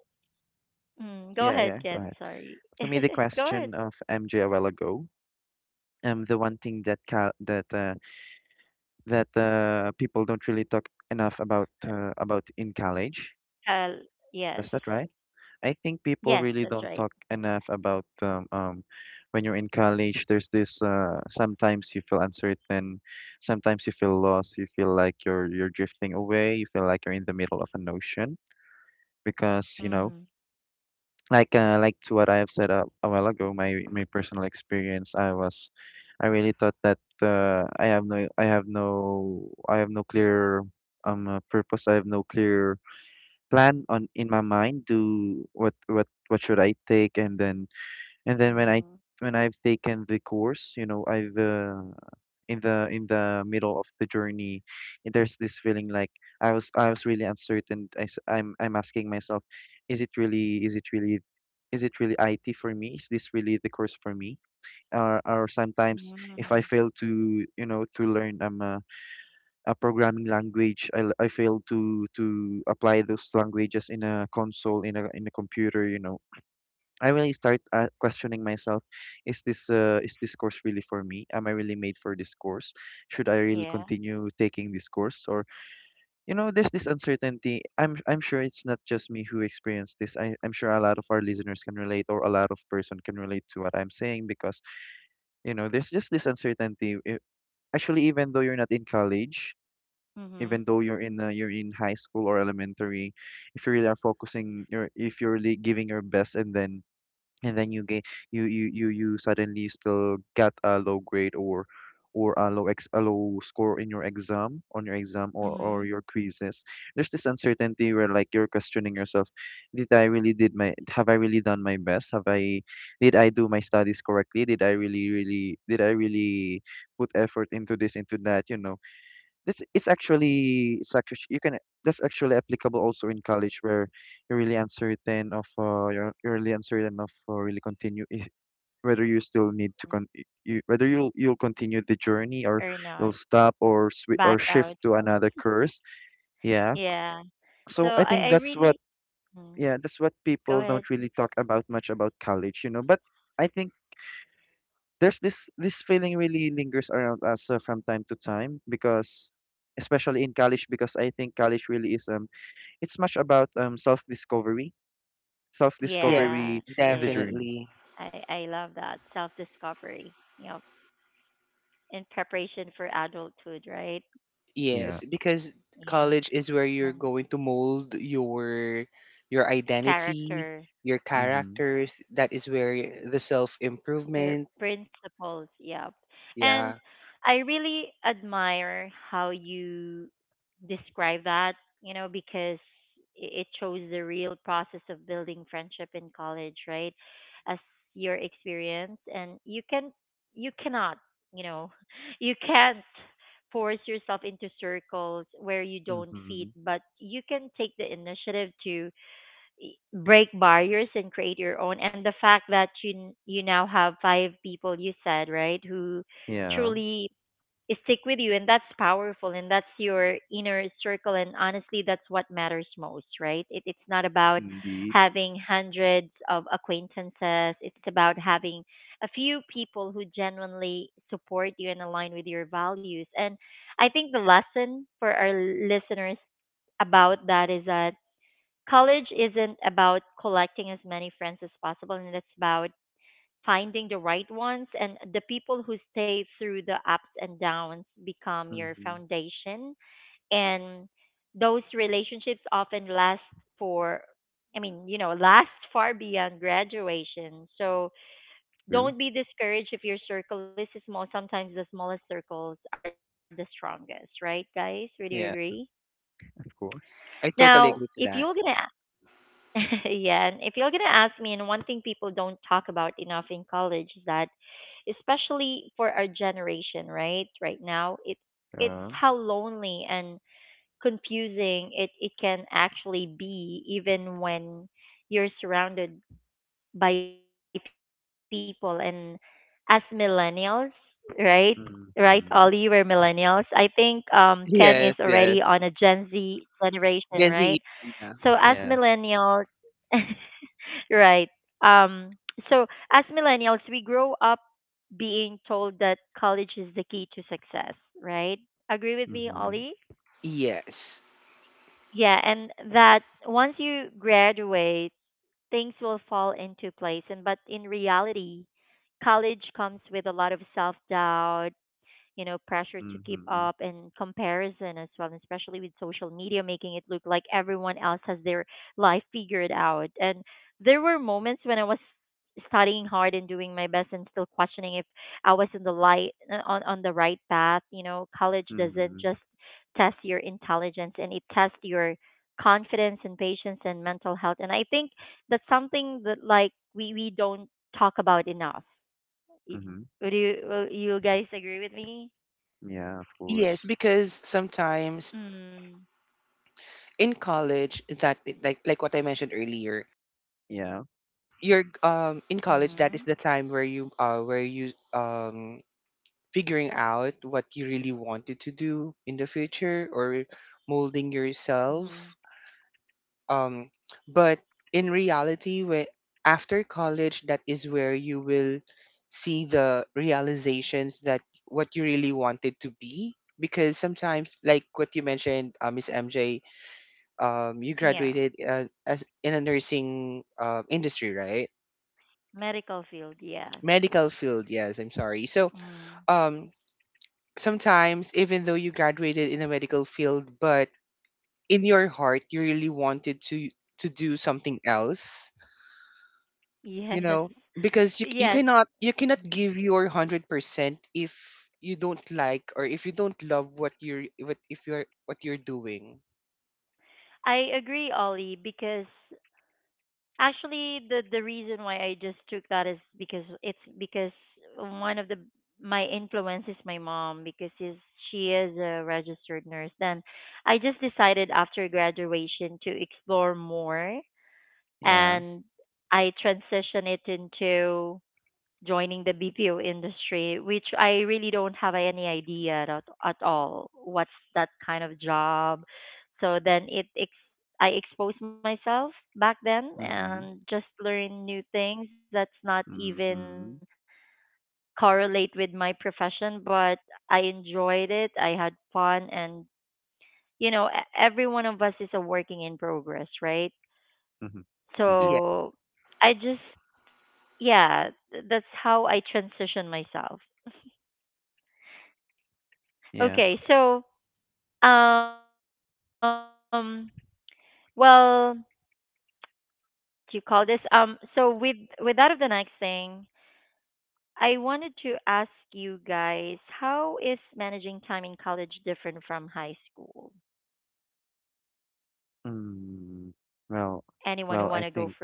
Speaker 1: mm, go
Speaker 2: yeah,
Speaker 1: ahead,
Speaker 2: go ahead.
Speaker 1: Ken. Sorry.
Speaker 2: For me, the
Speaker 1: Go
Speaker 2: question
Speaker 1: ahead.
Speaker 2: of MJ a while ago, the one thing that cal that that people don't really talk enough about in college.
Speaker 1: Uh, yes.
Speaker 2: That's that, right? I think people
Speaker 1: Yes,
Speaker 2: really
Speaker 1: that's
Speaker 2: don't
Speaker 1: right.
Speaker 2: talk enough about when you're in college. There's this sometimes you feel uncertain, sometimes you feel lost, you feel like you're drifting away, you feel like you're in the middle of an ocean because you know,
Speaker 1: Mm.
Speaker 2: like to what I have said a while ago, my personal experience, I really thought that I have no clear purpose. I have no clear plan on in my mind. Do what should I take? And then and then when
Speaker 1: Mm.
Speaker 2: I've taken the course, you know, I've in the middle of the journey, and there's this feeling like I was really uncertain. I, am I'm asking myself, is it really is it really is it really IT for me? Is this really the course for me? Or sometimes if I
Speaker 1: Mm.
Speaker 2: fail to, you know, to learn a programming language, I fail to apply those languages in a console in a computer. You know, I really start questioning myself: is this is this course really for me? Am I really made for this course? Should I really
Speaker 1: Yeah.
Speaker 2: continue taking this course? Or, you know, there's this uncertainty. I'm sure it's not just me who experienced this. I'm sure a lot of our listeners can relate, or a lot of person can relate to what I'm saying, because you know, there's just this uncertainty. I- actually, even though you're not in college. Even
Speaker 1: Mhm.
Speaker 2: though you're in high school or elementary, if you really are focusing, your if you're really giving your best, and then you suddenly still got a low grade or a low score in your exam on your exam or
Speaker 1: Mhm.
Speaker 2: your quizzes, there's this uncertainty where like you're questioning yourself: did my, have I really done my best? Have I, did I do my studies correctly? Did I really did I really put effort into this, into that? You know, this it's actually you can that's actually applicable also in college where you're really uncertain of you're really uncertain of really continue if, whether you still need to con you whether you'll continue the journey or
Speaker 1: Or
Speaker 2: you'll
Speaker 1: not.
Speaker 2: stop or swi or
Speaker 1: Back
Speaker 2: shift
Speaker 1: out.
Speaker 2: to another course. Yeah.
Speaker 1: Yeah.
Speaker 2: So
Speaker 1: So
Speaker 2: I think
Speaker 1: I
Speaker 2: that's what,
Speaker 1: really mm.
Speaker 2: yeah, that's what
Speaker 1: Go
Speaker 2: people don't
Speaker 1: ahead.
Speaker 2: really talk about much about college, you know. But I think there's this feeling really lingers around us from time to time because, especially in college, because I think college really is it's much about self discovery, self
Speaker 3: Yes,
Speaker 1: Yeah,
Speaker 2: discovery
Speaker 1: it
Speaker 2: in the
Speaker 1: is.
Speaker 2: journey.
Speaker 3: definitely.
Speaker 1: I love that self-discovery. Yep. In preparation for adulthood, right?
Speaker 2: Yeah.
Speaker 3: Yes, because
Speaker 1: Yeah.
Speaker 3: college is where you're
Speaker 1: And
Speaker 3: going to mold your identity,
Speaker 1: character,
Speaker 3: your
Speaker 2: Mm-hmm.
Speaker 3: characters. That is where the self
Speaker 1: your
Speaker 3: improvement.
Speaker 1: principles, yep. And
Speaker 3: Yeah,
Speaker 1: I really admire how you describe that, you know, because it shows the real process of building friendship in college, right? As your experience and you can you cannot, you know, you can't force yourself into circles where you don't fit,
Speaker 2: Mm-hmm.
Speaker 1: but you can take the initiative to break barriers and create your own. And the fact that you now have five people, you said, right, who
Speaker 2: Yeah.
Speaker 1: truly stick with you, and that's powerful, and that's your inner circle. And honestly, that's what matters most, right? It's not about
Speaker 2: Indeed.
Speaker 1: having hundreds of acquaintances. It's about having a few people who genuinely support you and align with your values. And I think the lesson for our listeners about that is that college isn't about collecting as many friends as possible, and it's about finding the right ones, and the people who stay through the ups and downs become your
Speaker 2: Mm-hmm.
Speaker 1: foundation. And those relationships often last for you know, last far beyond graduation. So
Speaker 2: True.
Speaker 1: don't be discouraged if your circle is small. Sometimes the smallest circles are the strongest, right, guys? Would you
Speaker 2: Yeah.
Speaker 1: agree?
Speaker 2: Of course.
Speaker 3: I totally
Speaker 1: Now
Speaker 3: agree to
Speaker 1: if
Speaker 3: that.
Speaker 1: you're going to yeah, and if you're gonna ask me, and one thing people don't talk about enough in college is that, especially for our generation, right, right now, it
Speaker 2: Yeah.
Speaker 1: it's how lonely and confusing it can actually be, even when you're surrounded by people. And as millennials, right? Right, Ollie,
Speaker 2: Mm-hmm.
Speaker 1: we're millennials. I think Ken is
Speaker 3: Yes,
Speaker 1: already
Speaker 3: yes.
Speaker 1: on a Gen Z generation,
Speaker 3: Gen Z.
Speaker 1: right?
Speaker 3: Yeah.
Speaker 1: So as
Speaker 2: Yeah.
Speaker 1: millennials, right. Um, so as millennials, we grow up being told that college is the key to success, right? Agree with me, Ollie?
Speaker 2: Mm-hmm.
Speaker 3: Yes.
Speaker 1: Yeah, and that once you graduate, things will fall into place. And but in reality, college comes with a lot of self doubt, you know, pressure to keep
Speaker 2: Mm-hmm.
Speaker 1: up and comparison as well, and especially with social media making it look like everyone else has their life figured out. And there were moments when I was studying hard and doing my best and still questioning if I was in the light on the right path. You know, college doesn't
Speaker 2: Mm-hmm.
Speaker 1: just test your intelligence, and it tests your confidence and patience and mental health. And I think that's something that like we don't talk about enough. Y-
Speaker 2: Hmm.
Speaker 1: Would you will you guys agree with me?
Speaker 2: Yeah, of
Speaker 3: Yes,
Speaker 2: course.
Speaker 3: because sometimes
Speaker 1: Mm.
Speaker 3: in college that like what I mentioned earlier,
Speaker 2: Yeah.
Speaker 3: you're
Speaker 1: Mhm.
Speaker 3: in college that is the time where you figuring out what you really wanted to do in the future or molding
Speaker 1: Mhm.
Speaker 3: yourself. Um but in reality when after college that is where you will see the realizations that what you really wanted to be because sometimes like what you mentioned Miss MJ, you
Speaker 1: Yeah.
Speaker 3: graduated as in a nursing industry, right?
Speaker 1: Medical field. Yeah.
Speaker 3: Medical field, yes. I'm sorry. So,
Speaker 1: Mm.
Speaker 3: um, sometimes even though you graduated in a medical field, but in your heart you really wanted to do something else, you
Speaker 1: Yes.
Speaker 3: know, because you c- you
Speaker 1: Yes.
Speaker 3: cannot you cannot
Speaker 1: Mm.
Speaker 3: give your 100% if you don't like or if you don't love what you're what if you're what you're doing.
Speaker 1: I agree, Ollie, because actually the reason why I just took that is because one of the my influence is my mom, because she is a registered nurse. Then I just decided after graduation to explore more
Speaker 2: Yeah.
Speaker 1: and I transition it into joining the BPO industry, which I really don't have any idea at all what's that kind of job. So I exposed myself back then
Speaker 2: Mm-hmm.
Speaker 1: and just learn new things that's not
Speaker 2: Mm-hmm.
Speaker 1: even correlate with my profession, but I enjoyed it. I had fun. And you know, every one of us is a working in progress, right?
Speaker 2: Mm-hmm. Indeed.
Speaker 3: Yeah.
Speaker 1: So I just yeah, that's how I transition myself.
Speaker 2: Yeah.
Speaker 1: Okay, so um, well, do you call this. So with that of the next thing, I wanted to ask you guys, how is managing time in college different from high school?
Speaker 2: Mm,
Speaker 1: Anyone
Speaker 2: well,
Speaker 1: who want to go
Speaker 2: well, I
Speaker 1: first,
Speaker 2: think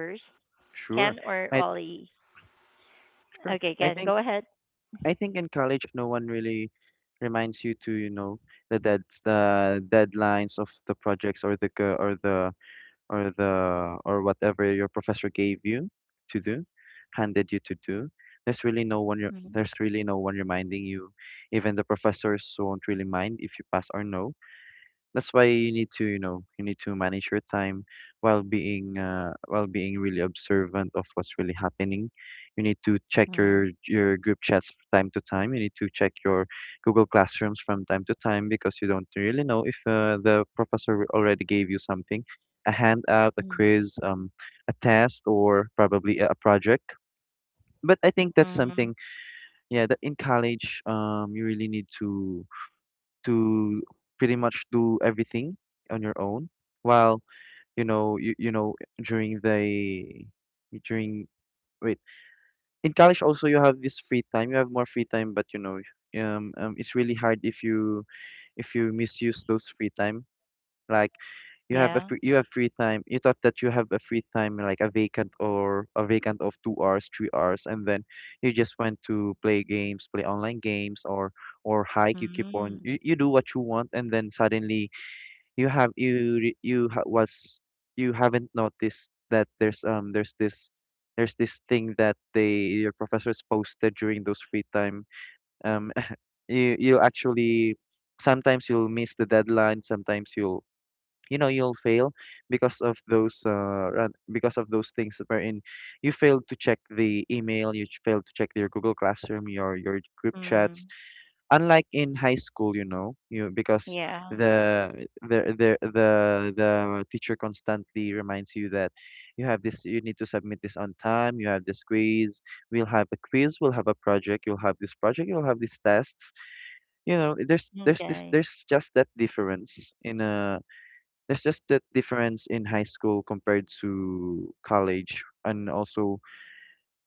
Speaker 1: Ken or
Speaker 2: sure. I
Speaker 1: Ollie? Okay,
Speaker 2: sure.
Speaker 1: Ken, go ahead.
Speaker 2: I think in college, no one really reminds you to, you know, the deadlines of the projects or the co- or the or the or whatever your professor gave you to do, handed you to do. There's really no one reminding you. Even the professors won't really mind if you pass or no. That's why you need to, you know, you need to manage your time while being really observant of what's really happening. You need to check
Speaker 1: Mm-hmm.
Speaker 2: your group chats from time to time. You need to check your Google Classrooms from time to time, because you don't really know if the professor already gave you something, a handout, a quiz, a test, or probably a project. But I think that's
Speaker 1: Mm-hmm.
Speaker 2: something, yeah, that in college, you really need to to pretty much do everything on your own. While you know you, you know during the during wait In college also you have this free time, you have more free time, but you know, it's really hard if you misuse those free time. Like, you have a
Speaker 1: Yeah.
Speaker 2: free, you have free time, you thought that you have a free time like a vacant or a vacant of 2 hours, 3 hours, and then you just went to play games, play online games, or hike, you keep on
Speaker 1: Mm-hmm.
Speaker 2: you, you do what you want, and then suddenly you have you re- you ha- was you haven't noticed that there's this thing that they, your professors, posted during those free time. um you actually sometimes you'll miss the deadline, sometimes you'll, you know, you'll fail because of those because of those things wherein you failed to check the email, you failed to check your Google Classroom, your group chats.
Speaker 1: Mm,
Speaker 2: Unlike in high school, you know, you because
Speaker 1: yeah.
Speaker 2: the the the the the teacher constantly reminds you that you have this, you need to submit this on time. You have this quiz. We'll have a quiz. We'll have a project. You'll have this project. You'll have these tests. You know,
Speaker 1: Okay.
Speaker 2: there's just that difference in there's just that difference in high school compared to college. And also,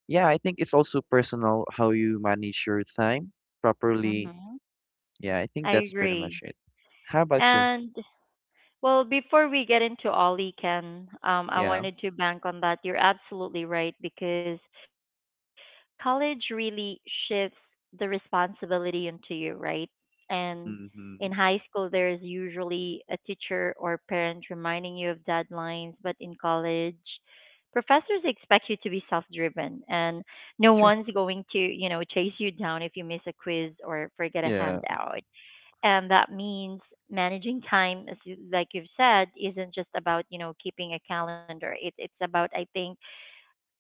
Speaker 2: yeah, I think it's also personal how you manage your time properly.
Speaker 1: Mm-hmm.
Speaker 2: Yeah, I think
Speaker 1: I
Speaker 2: that's pretty much
Speaker 1: agree.
Speaker 2: it. How about you?
Speaker 1: And well, before we get into Ollie, Ken, I
Speaker 2: Yeah.
Speaker 1: wanted to bank on that. You're absolutely right, because college really shifts the responsibility into you, right? And in
Speaker 2: Mm-hmm.
Speaker 1: high school, there is usually a teacher or parent reminding you of deadlines, but in college, professors expect you to be self-driven, and no
Speaker 2: True.
Speaker 1: one's going to, you know, chase you down if you miss a quiz or forget a
Speaker 2: Yeah.
Speaker 1: handout. And that means managing time, as you, like you've said, isn't just about, you know, keeping a calendar. It's about, I think,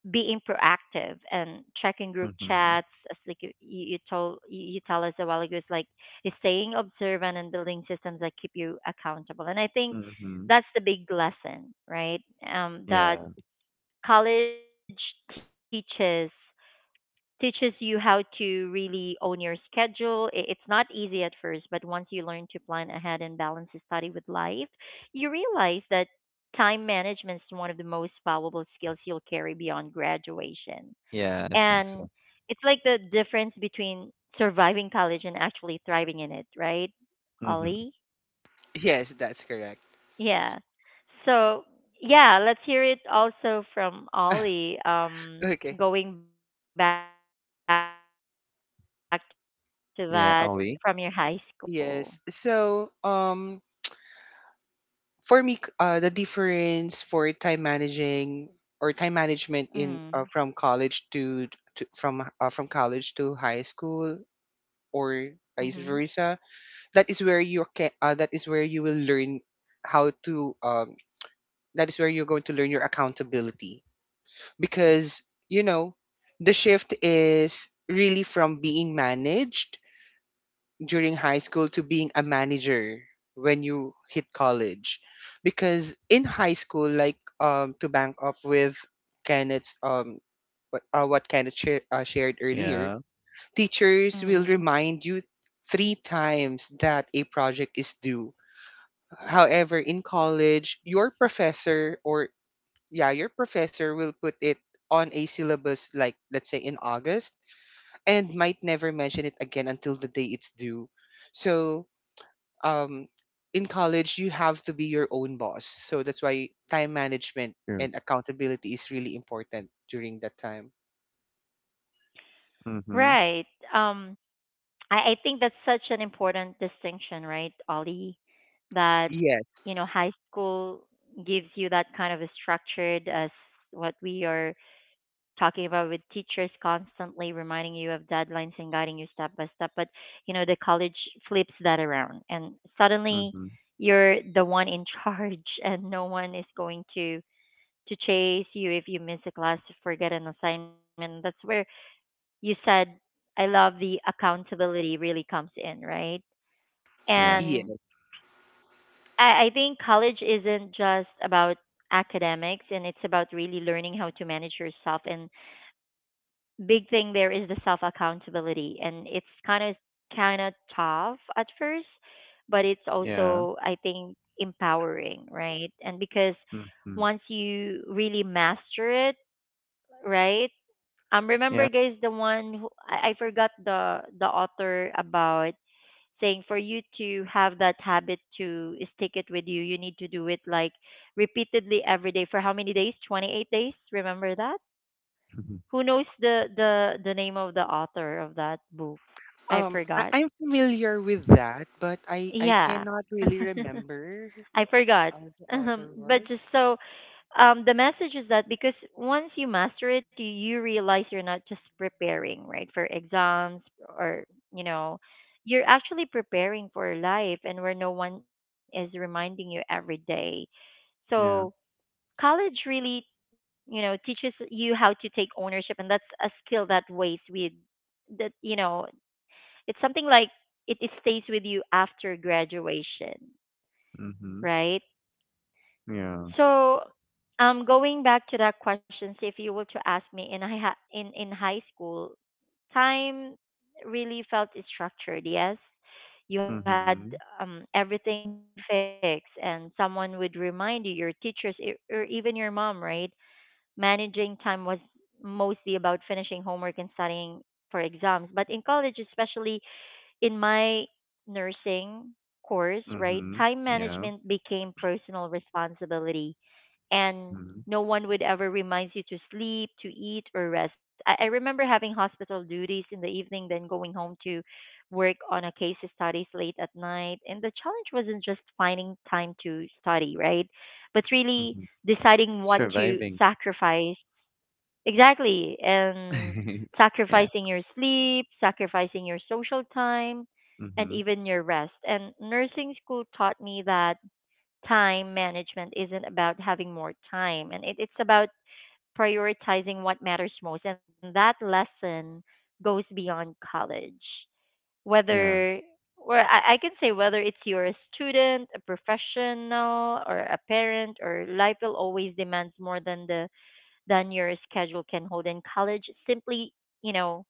Speaker 1: being proactive and checking group
Speaker 2: Mm-hmm.
Speaker 1: chats, as like you told you tell us a while ago. It's like is staying observant and building systems that keep you accountable. And I think
Speaker 2: Mm-hmm.
Speaker 1: that's the big lesson, right? Um, that
Speaker 2: Yeah.
Speaker 1: college teaches you how to really own your schedule. It's not easy at first, but once you learn to plan ahead and balance study with life, you realize that time management is one of the most valuable skills you'll carry beyond graduation.
Speaker 2: Yeah, I think
Speaker 1: And
Speaker 2: so.
Speaker 1: it's like the difference between surviving college and actually thriving in it, right,
Speaker 2: Mm-hmm.
Speaker 1: Ollie?
Speaker 3: Yes, that's correct.
Speaker 1: Yeah. So, yeah, let's hear it also from Ollie.
Speaker 3: Okay.
Speaker 1: Going back to that, how is managing time in college
Speaker 2: Yeah,
Speaker 1: different
Speaker 2: Ollie.
Speaker 1: from your high
Speaker 3: Yes.
Speaker 1: school?
Speaker 3: So, for me, the difference for time managing or time management in from
Speaker 1: Mm.
Speaker 3: college to, to from uh, from college to high school or vice
Speaker 1: Mhm.
Speaker 3: versa. That is where you can. That is where you will learn how to. That is where you're going to learn your accountability because you know the shift is really from being managed during high school to being a manager when you hit college because in high school like to bank up with Kenneth's what Kenneth shared earlier,
Speaker 2: Yeah.
Speaker 3: teachers will
Speaker 1: Mhm.
Speaker 3: remind you three times that a project is due. However in college your professor or yeah your professor will put it on a syllabus, like, let's say in August, and might never mention it again until the day it's due. So um, in college you have to be your own boss. So that's why time management
Speaker 2: True.
Speaker 3: and accountability is really important during that time.
Speaker 2: Mm-hmm.
Speaker 1: Right. Um, I think that's such an important distinction, right, Ollie? That,
Speaker 3: Yes,
Speaker 1: you know, high school gives you that kind of a structured as what we are talking about, with teachers constantly reminding you of deadlines and guiding you step by step. But you know, the college flips that around, and suddenly
Speaker 2: Mm-hmm.
Speaker 1: you're the one in charge and no one is going to chase you if you miss a class, forget an assignment. That's where, you said, I love, the accountability really comes in, right?
Speaker 2: Yeah.
Speaker 3: yes.
Speaker 1: And I think college isn't just about academics, and it's about really learning how to manage yourself. And big thing there is the self accountability, and it's kind of tough at first, but it's
Speaker 2: Yeah.
Speaker 1: also, I think, empowering, right? And because
Speaker 2: Mm-hmm.
Speaker 1: once you really master it, right, um,
Speaker 2: Yeah.
Speaker 1: remember guys, the one who, I forgot the author about saying, for you to have that habit to stick it with you, you need to do it like repeatedly every day for how many days, 28 days, remember that?
Speaker 2: Mm-hmm.
Speaker 1: Who knows the name of the author of that book? I
Speaker 3: I,
Speaker 1: forgot.
Speaker 3: I'm familiar with that, but I
Speaker 1: Yeah.
Speaker 3: cannot really remember who
Speaker 1: I forgot.
Speaker 3: the author
Speaker 1: But just
Speaker 3: was.
Speaker 1: so the message is that because once you master it, you realize you're not just preparing, right, for exams or, you know, you're actually preparing for life, and where no one is reminding you every day.
Speaker 2: Yeah.
Speaker 1: So college really, you know, teaches you how to take ownership, and that's a skill that weighs with that, you know, it's something like it stays with you after graduation,
Speaker 2: Mm-hmm.
Speaker 1: right?
Speaker 2: Yeah.
Speaker 1: So going back to that question, so if you were to ask me, in in high school, time really felt structured, yes, you had
Speaker 2: Mm-hmm.
Speaker 1: everything fixed, and someone would remind you, your teachers, or even your mom, right? Managing time was mostly about finishing homework and studying for exams. But in college, especially in my nursing course, right,
Speaker 2: Mm-hmm.
Speaker 1: time
Speaker 2: Yeah.
Speaker 1: management became personal responsibility, and
Speaker 2: Mm-hmm.
Speaker 1: no one would ever remind you to sleep, to eat, or rest. I remember having hospital duties in the evening, then going home to work on a case studies late at night. And the challenge wasn't just finding time to study, right? But really
Speaker 2: Mm-hmm.
Speaker 1: deciding what to
Speaker 2: Surviving.
Speaker 1: sacrifice. Exactly. And
Speaker 2: Yeah.
Speaker 1: sacrificing your sleep, sacrificing your social time, and
Speaker 2: Mm-hmm.
Speaker 1: even your rest. And nursing school taught me that time management isn't about having more time, and it's about prioritizing what matters most. And that lesson goes beyond college.
Speaker 2: Yeah.
Speaker 1: Whether or I can say, whether it's you're a student, a professional, or a parent, or life will always demand more than the than your schedule can hold. And college simply, you know,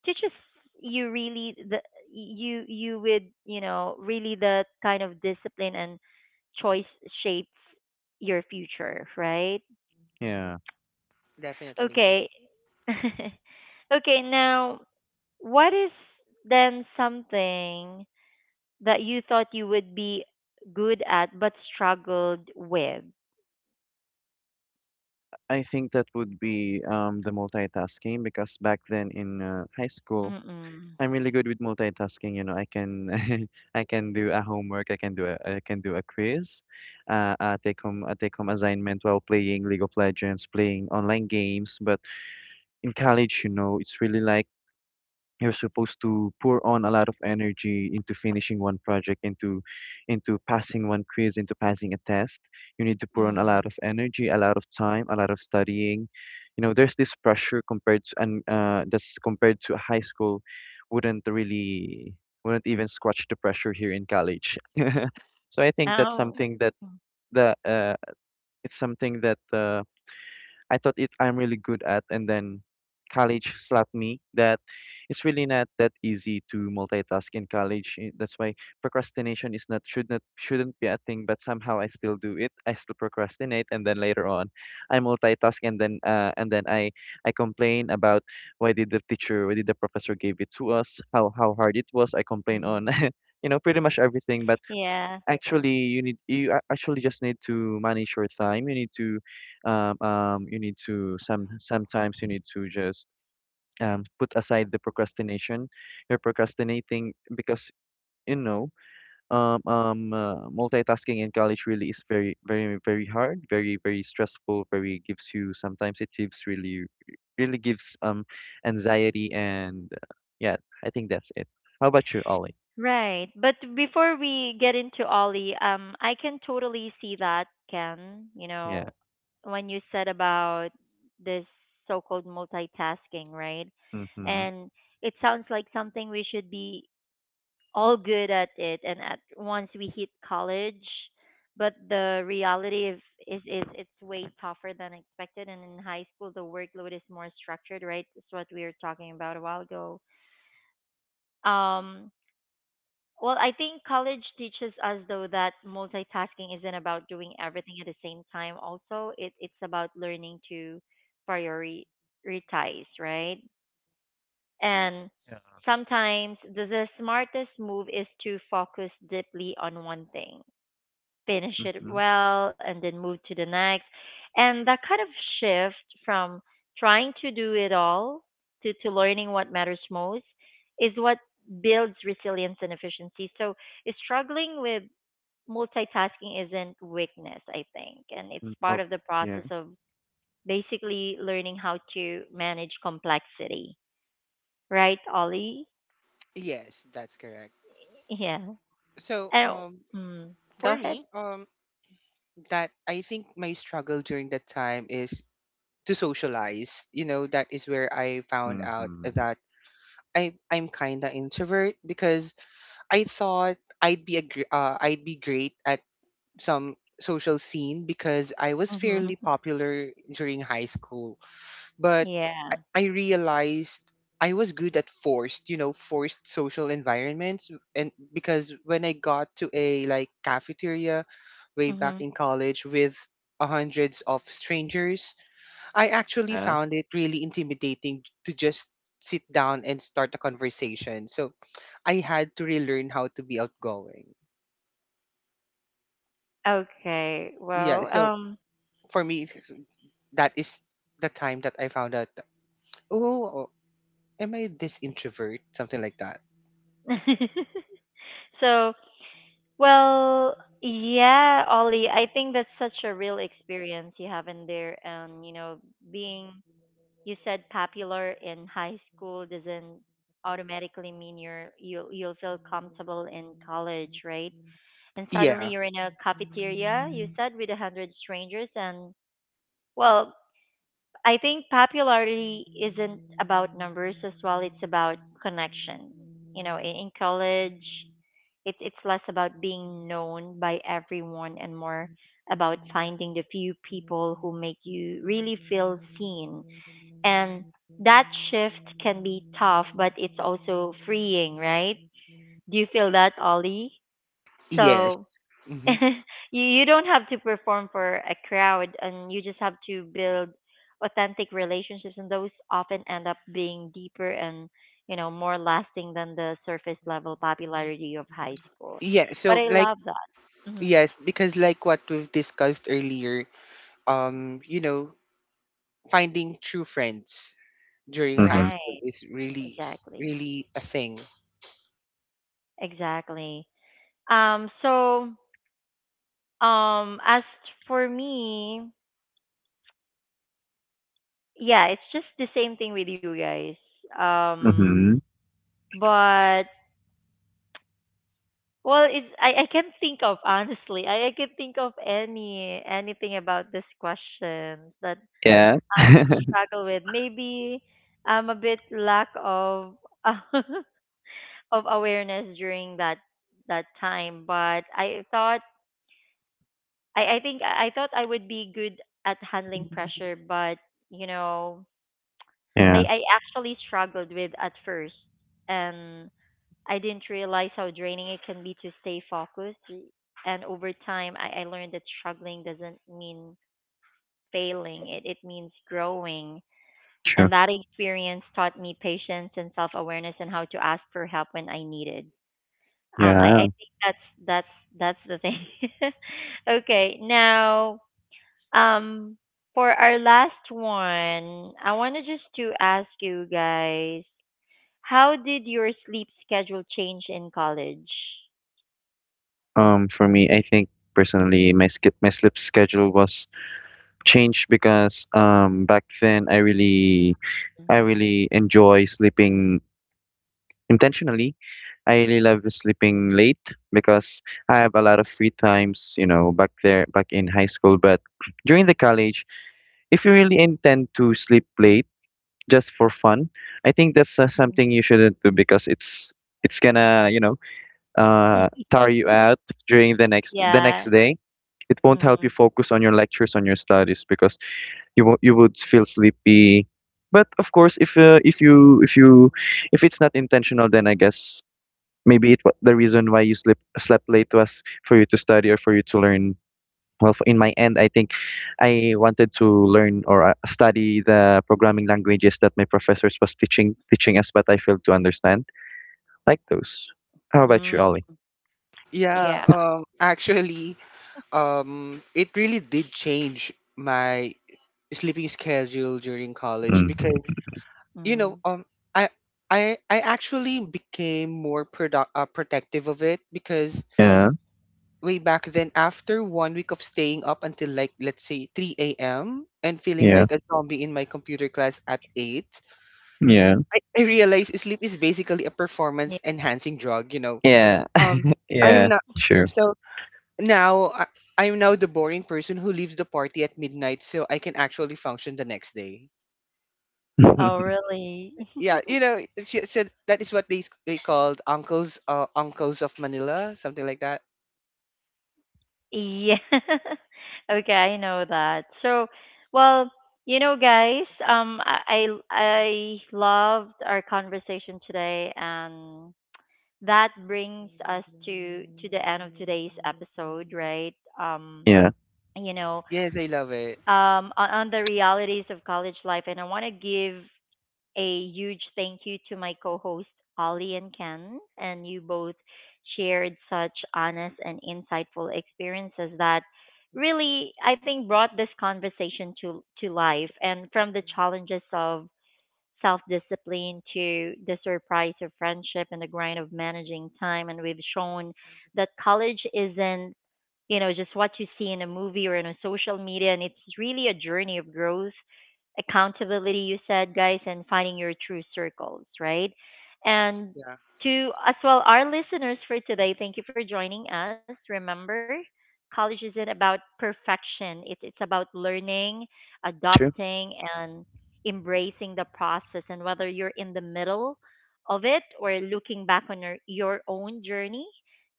Speaker 1: teaches you really the you you with you know really the kind of discipline, and choice shapes your future, right?
Speaker 2: Yeah.
Speaker 3: Definitely,
Speaker 1: Okay. okay, now what is then something that you thought you would be good at but struggled with?
Speaker 2: I think that would be the multitasking because back then in high school,
Speaker 1: Mm-mm.
Speaker 2: I'm really good with multitasking. You know, I can I can do a homework, I can do a quiz, a take home assignment while playing League of Legends, playing online games. But in college, you know, it's really like you're supposed to pour on a lot of energy into finishing one project, into passing one quiz, into passing a test. You need to pour on a lot
Speaker 1: Mm.
Speaker 2: of energy, a lot of time, a lot of studying. You know, there's this pressure compared to, and that's compared to high school. wouldn't really wouldn't even scratch the pressure here in college. So I think that's
Speaker 1: Oh.
Speaker 2: something that the it's something that, I thought it I'm really good at, and then college slapped me that it's really not that easy to multitask in college. Eh, that's why procrastination is not should not shouldn't be a thing, but somehow I still do it. I still procrastinate, and then later on, I multitask, and then I complain about why did the teacher, why did the professor gave it to us, how hard it was.
Speaker 1: Mm.
Speaker 2: I complain on. You know, pretty much everything, but
Speaker 1: Yeah.
Speaker 2: actually you need actually just need to manage your time. You need to you need to sometimes you need to just put aside the procrastination. You're procrastinating because, you know, multitasking in college really is very very very hard, very very stressful, very gives you, sometimes it gives really really gives anxiety, and yeah, I think that's it. How about you, Ollie?
Speaker 1: Right. But before we get into Ollie, I can totally see that, Ken. You
Speaker 2: Yeah.
Speaker 1: know, when you said about this so called multitasking, right?
Speaker 2: Mm-hmm.
Speaker 1: And it sounds like something we should be all good at it, and at once we hit college. But the reality of is it's way tougher than expected. And in high school the workload is more structured, right? It's what we were talking about a while ago. Um, well, I think college teaches us though that multitasking isn't about doing everything at the same time. Also, it's about learning to prioritize, right? And
Speaker 2: Yeah.
Speaker 1: sometimes the smartest move is to focus deeply on one thing, finish it
Speaker 2: Mm-hmm.
Speaker 1: well, and then move to the next. And that kind of shift from trying to do it all to learning what matters most is what builds resilience and efficiency. So struggling with multitasking isn't weakness, I think. And it's
Speaker 2: Mm,
Speaker 1: part
Speaker 2: oh.
Speaker 1: of the process
Speaker 2: Yeah.
Speaker 1: of basically learning how to manage complexity. Right, Ollie?
Speaker 3: yes, that's correct.
Speaker 1: Yeah.
Speaker 3: So,
Speaker 1: Oh, mm, go
Speaker 3: for
Speaker 1: ahead.
Speaker 3: me, that I think my struggle during that time is to socialize. You know, that is where I found out
Speaker 2: Mhm.
Speaker 3: that I'm kind of introvert because I thought I'd be great at some social scene because I was
Speaker 1: Hmm.
Speaker 3: fairly popular during high school. But
Speaker 1: Yeah.
Speaker 3: I realized I was good at forced social environments, and because when I got to a like cafeteria way back
Speaker 1: Hmm.
Speaker 3: in college with hundreds of strangers, I actually
Speaker 2: Yeah.
Speaker 3: found it really intimidating to just sit down and start a conversation. So I had to relearn how to be outgoing.
Speaker 1: Okay.
Speaker 3: Yeah,
Speaker 1: Well,
Speaker 3: so for me, that is the time that I found out that, oh, oh, am I this introvert? Something like that.
Speaker 1: so well, yeah, Ollie, I think that's such a real experience you have in there. You know, being, you said, popular in high school doesn't automatically mean you you'll feel comfortable in college, right? And suddenly
Speaker 3: Yeah.
Speaker 1: you're in a cafeteria, you said, with a hundred strangers. And well, I think popularity isn't about numbers as well. It's about connection. You know, in college, it's less about being known by everyone and more about finding the few people who make you really feel seen. And that shift can be tough, but it's also freeing, right? Do you feel that, Ollie?
Speaker 3: Yes.
Speaker 1: So
Speaker 3: Hmm.
Speaker 1: you don't have to perform for a crowd, and you just have to build authentic relationships, and those often end up being deeper and, you know, more lasting than the surface level popularity of high school.
Speaker 3: Yeah.
Speaker 1: But
Speaker 3: So
Speaker 1: I
Speaker 3: like
Speaker 1: love that. Hmm.
Speaker 3: yes, because like what we've discussed earlier, um, you know, finding true friends during high
Speaker 2: Mhm.
Speaker 3: school
Speaker 1: Right.
Speaker 3: is really,
Speaker 1: Exactly.
Speaker 3: really a thing.
Speaker 1: Exactly. Um so as for me, yeah, it's just the same thing with you guys, um,
Speaker 2: Mhm.
Speaker 1: but well, it's I can't think of, honestly. I can think of any anything about this question that
Speaker 2: Yeah.
Speaker 1: I'm struggle with. Maybe I'm a bit lack of of awareness during that time, but I thought I thought I would be good at handling pressure, but you know, I,
Speaker 2: Yeah,
Speaker 1: I actually struggled with at first. And I didn't realize how draining it can be to stay focused. And over time, I learned that struggling doesn't mean failing, it means growing.
Speaker 2: true.
Speaker 1: And that experience taught me patience and self awareness and how to ask for help when I needed. I,
Speaker 2: Yeah.
Speaker 1: I think that's that's that's the thing. Okay, now, um, for our last one, I wanted just to ask you guys, how did your sleep schedule change in college?
Speaker 2: For me, I think personally, my sk my sleep schedule was changed because back then I really enjoy sleeping intentionally. I really love sleeping late because I have a lot of free times, you know, back there back in high school. But during the college, if you really intend to sleep late just for fun, I think that's
Speaker 1: Mhm.
Speaker 2: something you shouldn't do because it's gonna, you know, tire you out during the
Speaker 1: Yeah.
Speaker 2: next day. It won't help you
Speaker 1: Mm-hmm.
Speaker 2: focus on your lectures, on your studies because you would feel sleepy. But of course, if if you if it's not intentional, then I guess maybe the reason why you sleep slept late was for you to study or for you to learn. Well, in my end, I think I wanted to learn or study the programming languages that my professors was teaching us, but I failed to understand like those. How about
Speaker 1: Mm.
Speaker 2: you, Ollie?
Speaker 3: Yeah.
Speaker 1: Yeah.
Speaker 3: Actually, it really did change my sleeping schedule during college
Speaker 2: Hmm.
Speaker 3: because you
Speaker 1: Mm.
Speaker 3: know um I I actually became more product protective of it because
Speaker 2: Yeah,
Speaker 3: way back then after one week of staying up until, like, let's say 3 a.m. and feeling
Speaker 2: yeah,
Speaker 3: like a zombie in my computer class at 8,
Speaker 2: yeah,
Speaker 3: I realized sleep is basically a
Speaker 1: Yeah.
Speaker 3: performance enhancing drug
Speaker 2: yeah.
Speaker 3: um I am
Speaker 2: Yeah.
Speaker 3: not.
Speaker 2: True.
Speaker 3: So now I'm now the boring person who leaves the party at midnight so I can actually function the next day.
Speaker 1: Oh, really?
Speaker 3: Yeah, she said that is what they called uncles of Manila, something like that.
Speaker 1: Yeah. Okay, I know that. So, well, you know, guys, I loved our conversation today, and that brings us to the end of today's episode, right? Um,
Speaker 2: Yeah,
Speaker 1: you know,
Speaker 3: Yes, I love it.
Speaker 1: on the realities of college life. And I want to give a huge thank you to my co hosts, Ollie and Ken. And you both shared such honest and insightful experiences that really, I think, brought this conversation to life. And from the challenges of self discipline to the surprise of friendship and the grind of managing time. And we've shown that college isn't, you know, just what you see in a movie or in a social media. And it's really a journey of growth, accountability, you said, guys, and finding your true circles, right? And
Speaker 3: Yeah.
Speaker 1: to as well our listeners for today, thank you for joining us. Remember, college isn't about perfection. It's about learning,
Speaker 2: true.
Speaker 1: adopting, and embracing the process. And whether you're in the middle of it or looking back on your own journey,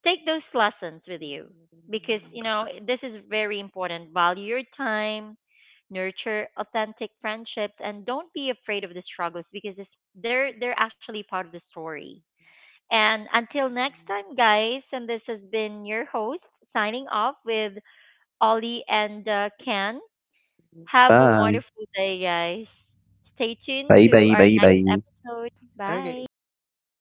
Speaker 1: take those lessons with you, because you know this is very important. Value your time, nurture authentic friendships, and don't be afraid of the struggles, because it's, they're actually part of the story. And until next time, guys, and this has been your host signing off with Ollie and Ken. Have a
Speaker 2: Bye.
Speaker 1: wonderful day, guys. Stay tuned
Speaker 2: Bye,
Speaker 1: to
Speaker 2: bye,
Speaker 1: our
Speaker 2: bye,
Speaker 1: next
Speaker 2: bye.
Speaker 1: episode.
Speaker 3: Okay.
Speaker 1: Bye.
Speaker 3: Bye.